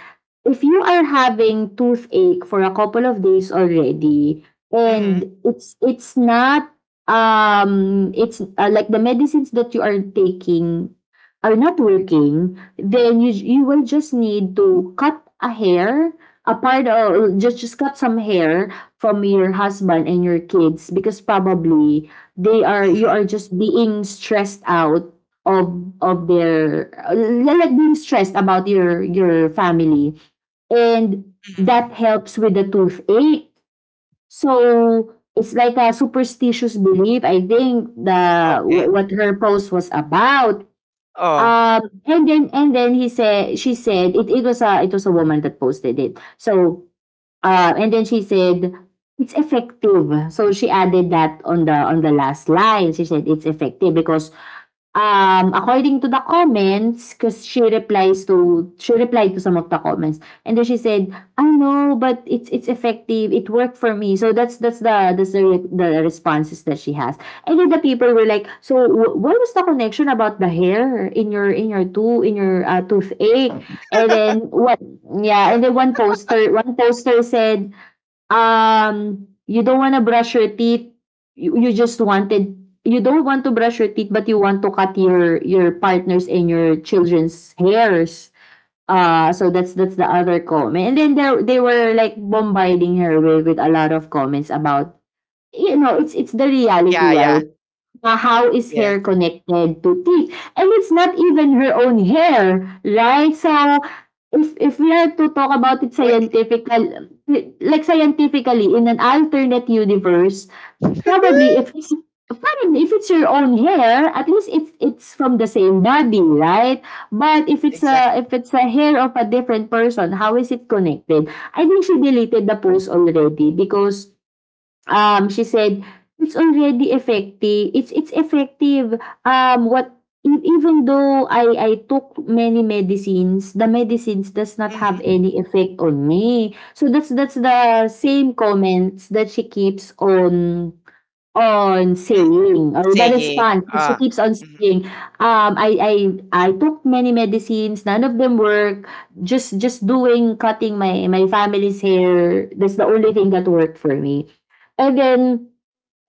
S1: if you are having toothache for a couple of days already, and
S2: mhm,
S1: it's not um it's like the medicines that you are taking are not working, then you will just need to cut a hair, a part, or just cut some hair from your husband and your kids, because probably they are
S2: mhm,
S1: you are just being stressed out of of their, like being stressed about your family, and that
S2: mhm.
S1: helps with the toothache. So it's like a superstitious belief. I think
S2: Okay.
S1: what her post was about.
S2: Oh,
S1: Um and then and then he said she said— it was a— it was a woman that posted it. So, and then she said, it's effective. So she added that on the last line. She said it's effective because according to the comments, because she replied to some of the comments. And then she said, I know, but it's effective. It worked for me. So that's the responses that she has. And then the people were like, so what was the connection about the hair in your toothache? And then what? Yeah, and then one poster, said, you don't wanna brush your teeth, you, you just wanted, you don't want to brush your teeth, but you want to cut your, partner's and your children's hairs. So that's the other comment. And then they were like bombarding her with, a lot of comments about, it's the reality,
S2: yeah, yeah.
S1: right? Na, how is
S2: Yes.
S1: hair connected to teeth? And it's not even her own hair, right? So if we are to talk about it
S2: Wait.
S1: scientifical, like scientifically, in an alternate universe, probably if it's— your own hair, at least if it's from the same body, right? But if it's
S2: Exactly.
S1: a— hair of a different person, how is it connected? I think she deleted the post already because she said, "It's already effective. It's effective. Um, what Even though I took many medicines, the medicines does not have
S2: Mhm.
S1: any effect on me." So that's the same comments that she keeps on saying, or the
S2: saying,
S1: response, so keeps on
S2: mhm,
S1: saying, um, I, took many medicines, none of them work. Just doing, cutting my family's hair, that's the only thing that worked for me. And then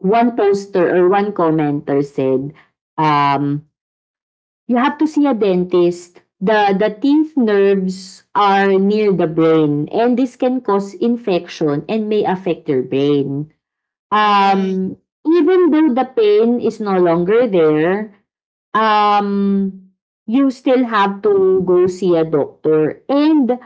S1: one poster or one commenter said, um, you have to see a dentist. The teeth nerves are near the brain and this can cause infection and may affect your brain.
S2: mm,
S1: Um, Even though the pain is no longer there, um, you still have to go see a doctor. And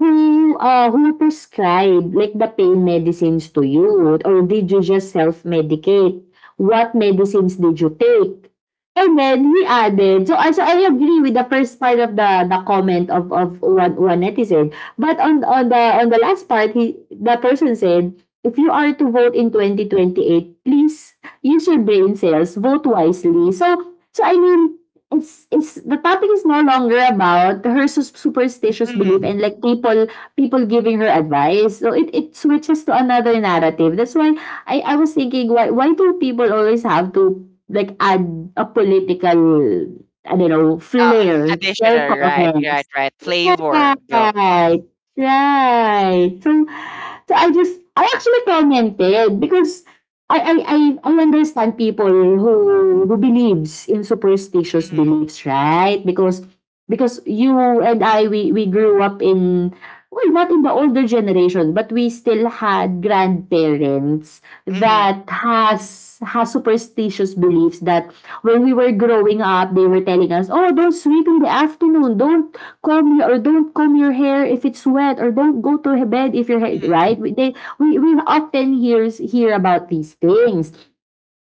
S1: Who prescribed like the pain medicines to you, or did you just self-medicate? What medicines did you take? And then he added, so I agree with the first part of the comment of one netizen. But on the last part, the person said, if you are to vote in 2028, please use your brain cells, vote wisely. So I mean, it's the topic is no longer about her superstitious belief,
S2: mhm,
S1: and like people people giving her advice, so it switches to another narrative. That's why I was thinking, why do people always have to, like, add a political, I don't know,
S2: uh,
S1: flair to their
S2: additional, right,
S1: comments.
S2: right, right, flavor, go.
S1: Right, right. So, I actually commented because I understand people who believes in superstitious
S2: Mm-hmm,
S1: beliefs, right? Because— you and I, we grew up in, well, not in the older generation, but we still had grandparents
S2: mm-hmm,
S1: that has superstitious beliefs, that when we were growing up, they were telling us, "Oh, don't sleep in the afternoon. Don't comb your hair if it's wet, or don't go to bed if your hair—"
S2: mm-hmm,
S1: right, They we often hear about these things.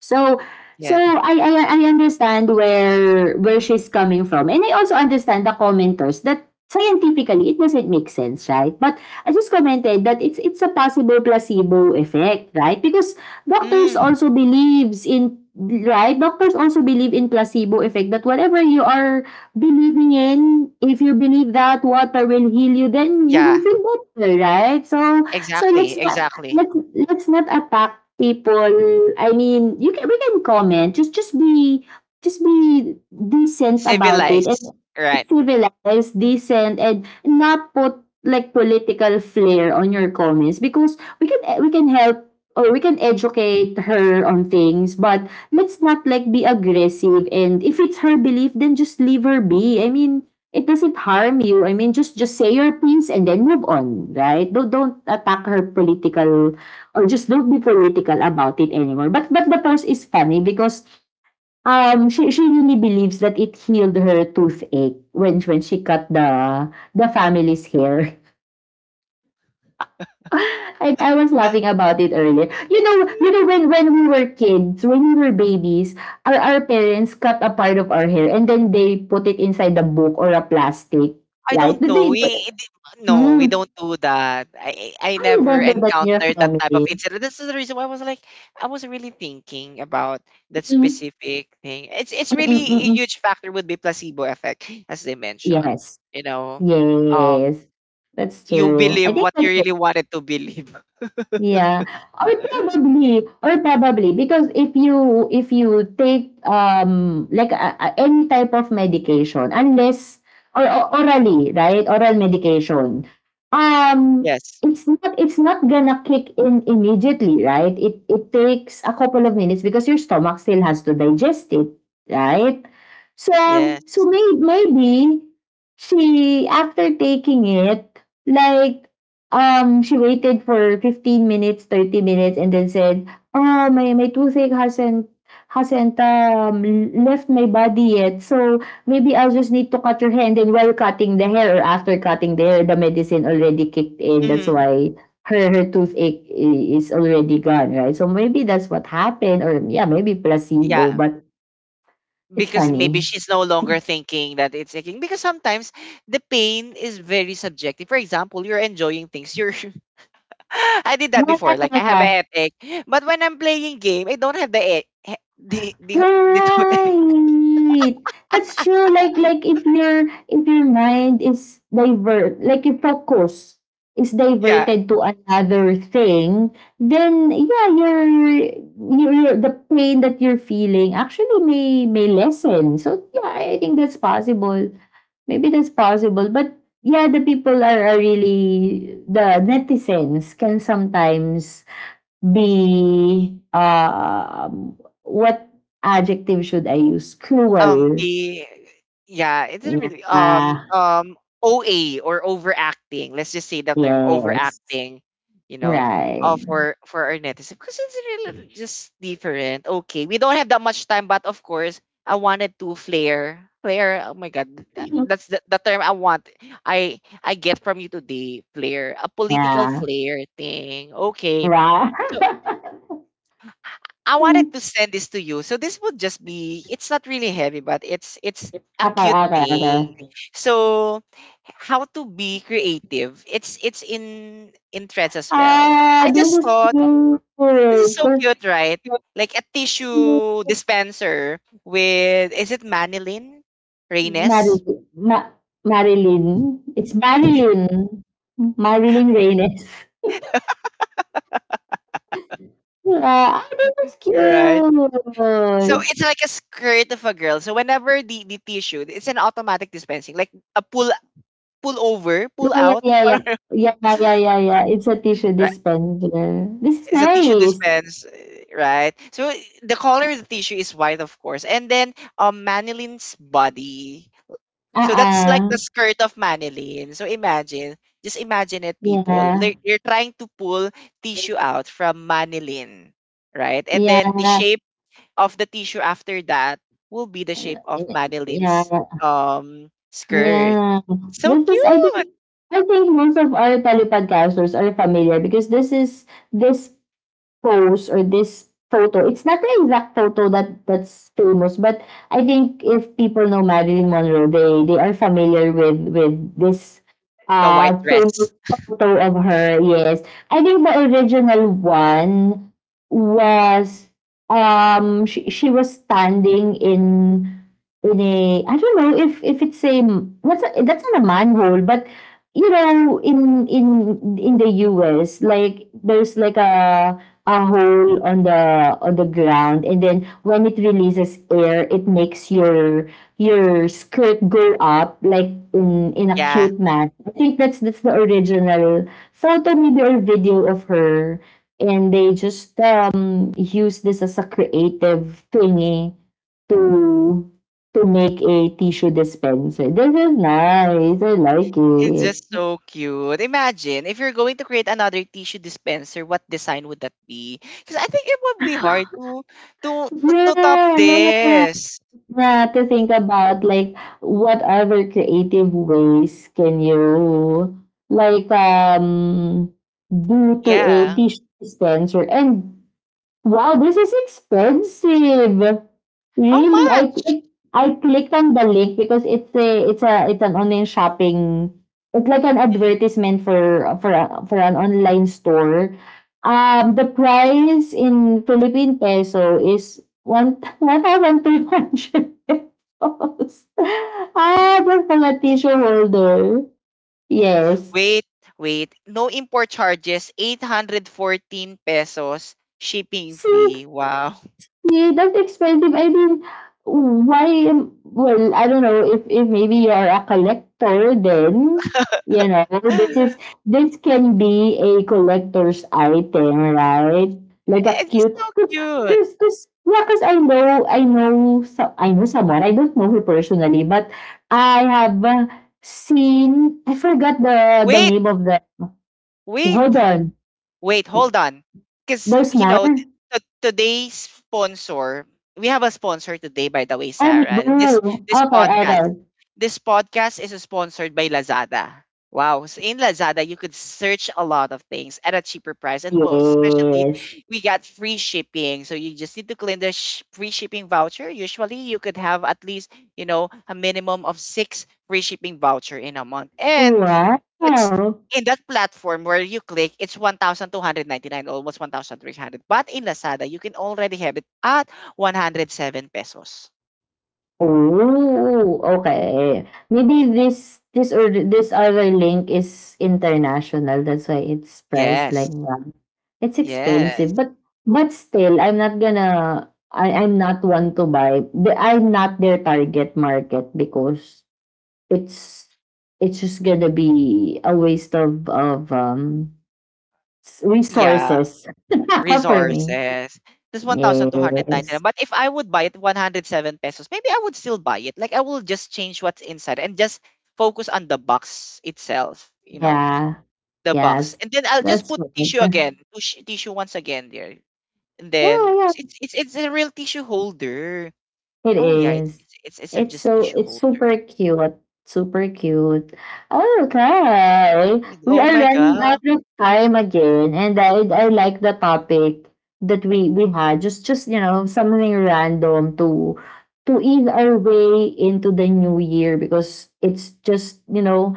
S1: So, so
S2: yes.
S1: I, I I understand where she's coming from. And I also understand the commenters, that scientifically it doesn't make sense, right? But I just commented that it's a possible placebo effect, right? Because doctors
S2: Mm,
S1: also believes in right, doctors also believe in placebo effect, that whatever you are believing in, if you believe that water will heal you, then you will
S2: yeah,
S1: feel better, right? So, so let's
S2: exactly,
S1: not
S2: exactly.
S1: let's not attack people. I mean, you can we can comment. Just be decent about it,
S2: Civilized,
S1: and
S2: right.
S1: civilized, decent, and not put like political flair on your comments, because we can help or we can educate her on things, but let's not, like, be aggressive, and if it's her belief, then just leave her be. I mean, it doesn't harm you. I mean, just say your piece and then move on, right? Don't attack her political, or just don't be political about it anymore. But the post is funny because um she really believes that it healed her toothache when she cut the family's hair. And I was laughing about it earlier. When we were kids, when we were babies, our parents cut a part of our hair and then they put it inside a book or a plastic.
S2: I
S1: Right?
S2: don't know.
S1: They, they,
S2: No, we don't
S1: Mm.
S2: do that. I
S1: Are you
S2: never
S1: bonded with your
S2: encountered that type of
S1: family?
S2: incident. This is the reason why I was like, I was really thinking about that
S1: Mm,
S2: specific thing. It's
S1: mm,
S2: really a
S1: mm, mm.
S2: huge factor would be placebo effect, as they mentioned.
S1: Yes.
S2: You know, um.
S1: Yes. That's
S2: you
S1: true. I
S2: believe
S1: think
S2: what you
S1: that's—
S2: really wanted to believe.
S1: Yeah, or probably— because if you— take, like, a any type of medication, unless or o orally, right, oral medication, um,
S2: Yes.
S1: it's not gonna kick in immediately, right? It takes a couple of minutes because your stomach still has to digest it, right? So, so
S2: Yes.
S1: may maybe she, after taking it, like, she waited for 15 minutes, 30 minutes, and then said, "Oh, my toothache hasn't hasn't um, left my body yet. So maybe I'll just need to cut your hair." And then while cutting the hair, or after cutting the hair, the medicine already kicked in. That's
S2: Mhm.
S1: why her her toothache is already gone, right? So maybe that's what happened, or, yeah, maybe
S2: Yeah,
S1: placebo. But it's
S2: because maybe
S1: funny.
S2: she's no longer thinking that it's aching. Because sometimes the pain is very subjective. For example, you're enjoying things. You're I did that
S1: Yeah,
S2: before. Like
S1: yeah,
S2: I have
S1: yeah.
S2: a headache, but when I'm playing game, I don't have the e- he- the toothache.
S1: Right! That's true. Like, if your— mind is divert, like, your focus is
S2: Yeah,
S1: diverted to another thing, then, yeah, your the pain that you're feeling actually may lessen. So, yeah, I think that's possible. Maybe that's possible, but, yeah, the people are, really, the netizens can sometimes be, what adjective should I use? Cruel.
S2: The yeah, it didn't really
S1: Yeah.
S2: OA or overacting. Let's just say the term
S1: Yes.
S2: overacting, you know,
S1: Right.
S2: for our netizens because it's really just different. Okay, we don't have that much time, but of course, I wanted to flare. Oh my god,
S1: Yeah.
S2: that's the term I want. I get from you today, flare, a political flare thing. Okay,
S1: Right.
S2: so I
S1: Hmm.
S2: wanted to send this to you. So this would just be it's not really heavy, but it's a
S1: Okay,
S2: cute
S1: okay,
S2: thing.
S1: okay.
S2: So how to be creative. It's in threads as well.
S1: Ah,
S2: I
S1: this
S2: just
S1: is
S2: thought
S1: cute.
S2: this is so cute, right? Like a tissue dispenser with is it Manilyn? Raines?
S1: Marilyn. Marilyn. It's Marilyn. Marilyn Reynes. Ah, this is
S2: Right. So
S1: cute.
S2: it's like a skirt of a girl. So whenever the tissue, it's an automatic dispensing, like a pull over, pull
S1: Yeah, yeah,
S2: out,
S1: yeah, yeah.
S2: whatever. Right?
S1: Yeah, yeah, yeah, yeah, yeah. It's a tissue dispenser. This is
S2: It's a tissue
S1: nice.
S2: dispense, eh, right? So the color of the tissue is white, of course. And then Manilin's body.
S1: Uh
S2: So that's like
S1: uh.
S2: the skirt of Manilin. So imagine, just imagine it, people.
S1: Yeah.
S2: They're trying to pull tissue out from Manilin, right? And
S1: Yeah,
S2: then the shape of the tissue after that will be the shape of Manilin's
S1: yeah,
S2: skirt.
S1: yeah.
S2: So
S1: This is, I think—
S2: cute.
S1: most of our Palipodcasters are familiar, because this pose or this photo, it's not the exact photo that's famous, but I think if people know Marilyn Monroe, they are familiar with this
S2: The white
S1: famous
S2: dress.
S1: photo of her. Yes, I think the original one was, she was standing in a— I don't know if it's a— what's a, that's not a manhole, but you know in in in the US, like, there's like a hole on the the ground, and then when it releases air, it makes your skirt go up, like, in— a
S2: Yeah.
S1: cute man. I think that's the original photo, maybe, or video of her, and they just use this as a creative thingy to make a tissue dispenser. This is nice. I like
S2: It's
S1: it.
S2: just so cute. Imagine if you're going to create another tissue dispenser, what design would that be? Because I think it would be hard to to top
S1: Yeah, yeah, yeah, yeah.
S2: this.
S1: Yeah, to think about, like, what other creative ways can you, like, do to a
S2: Yeah.
S1: tissue dispenser, and— Wow, this is expensive.
S2: How
S1: Really,
S2: much?
S1: I clicked on the link, because it's an online shopping. It's like an advertisement for for an online store. The price in Philippine peso is ₱1,200. Ah, that's for a tissue holder. Yes.
S2: Wait, wait. No import charges. 814 pesos shipping
S1: So,
S2: fee. Wow.
S1: yeah, that's expensive. I mean, why am well, I don't know if maybe you're a collector, then, you know, this is
S2: It's
S1: this can be a collector's item, right? Like a
S2: just
S1: cute—
S2: so cute.
S1: 'cause, yeah, 'cause I know so I know someone. I don't know who personally, but I have, seen— I forgot the
S2: Wait,
S1: name of the—
S2: wait.
S1: hold on.
S2: Wait, hold on. Because,
S1: There's
S2: you
S1: more?
S2: know, today's sponsor, we have a sponsor today, by the way,
S1: Oh, we
S2: Sarah. And
S1: do.
S2: this
S1: Okay,
S2: podcast,
S1: okay.
S2: this podcast is sponsored by Lazada. Wow. So in Lazada, you could search a lot of things at a cheaper price. And most especially,
S1: Yes.
S2: we got free shipping. So you just need to claim the free shipping voucher. Usually, you could have at least, you know, a minimum of six free shipping voucher in a month. And
S1: Wow!
S2: it's in that platform where you click, it's 1,299, almost 1,300. But in Lazada, you can already have it at 107 pesos.
S1: Oh, okay. Maybe this or this other link is international. That's why it's priced
S2: Yes.
S1: like that. It's expensive,
S2: Yes.
S1: but, still, I'm not gonna. I'm not one to buy. I'm not their target market, because it's it's just gonna be a waste of,
S2: Yeah.
S1: resources for me.
S2: Resources. This 1,299.
S1: Yes.
S2: But if I would buy it 107 pesos, maybe I would still buy it. Like I will just change what's inside and just focus on the box itself, you know,
S1: Yeah.
S2: the box.
S1: Yes.
S2: And then I'll just
S1: That's
S2: put tissue
S1: right.
S2: again, tissue once again there. And then
S1: Yeah, yeah.
S2: 'cause it's a real tissue holder.
S1: It
S2: Oh yeah, it's
S1: is.
S2: it's it's it's a just tissue
S1: It's
S2: holder.
S1: super cute. Super cute. Okay. We
S2: Oh
S1: are
S2: my
S1: running out
S2: god.
S1: of time again. And I like the topic that we had. Just, something random to ease our way into the new year, because it's just,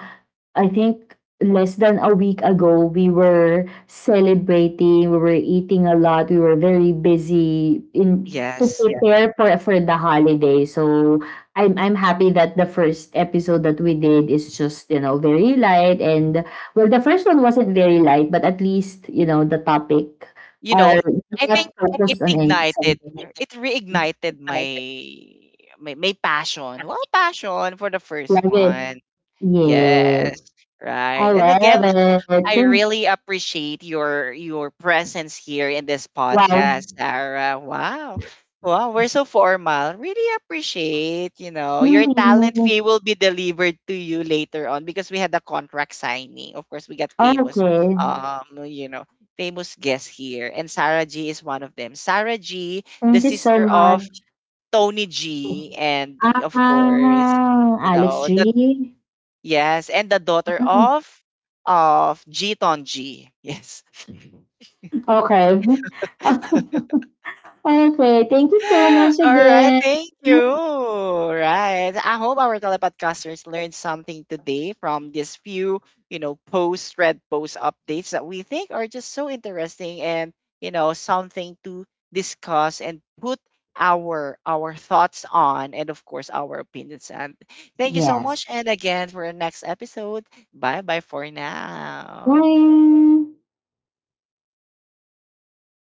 S1: I think less than a week ago, we were celebrating, we were eating a lot, we were very busy to, yeah,
S2: Yes.
S1: prepare for the holiday. So I'm happy that the first episode that we did is just, very light, and, well, the first one wasn't very light, but at least, the topic
S2: You know,
S1: are
S2: I
S1: not
S2: think it
S1: focused on any
S2: ignited
S1: something.
S2: it reignited my passion. Well, passion for the first
S1: Love it.
S2: one.
S1: Yeah.
S2: Yes.
S1: I
S2: Right. And again,
S1: love it.
S2: I really appreciate your presence here in this
S1: Wow.
S2: podcast, Sarah. Wow. Wow, we're so formal. Really appreciate, you know, your talent
S1: Mhm.
S2: fee will be delivered to you later on because we had a contract signing. Of course, we got famous,
S1: Okay.
S2: you know, famous guests here, and Sarah G is one of them. Sarah G, the
S1: Thank you so
S2: sister of
S1: much.
S2: Tony G, and of course,
S1: Ah,
S2: you
S1: Alex
S2: know, the
S1: G.
S2: Yes, and the daughter
S1: Mm.
S2: of Jiton G Tonji. Yes.
S1: Okay. Okay. Thank you so much
S2: All right,
S1: again.
S2: thank you. Right. I hope our telepodcasters learned something today from these few, you know, post red post updates that we think are just so interesting and, you know, something to discuss and put our thoughts on and of course our opinions and thank you so
S1: Yes.
S2: much and again for our next episode bye bye for now
S1: Bye.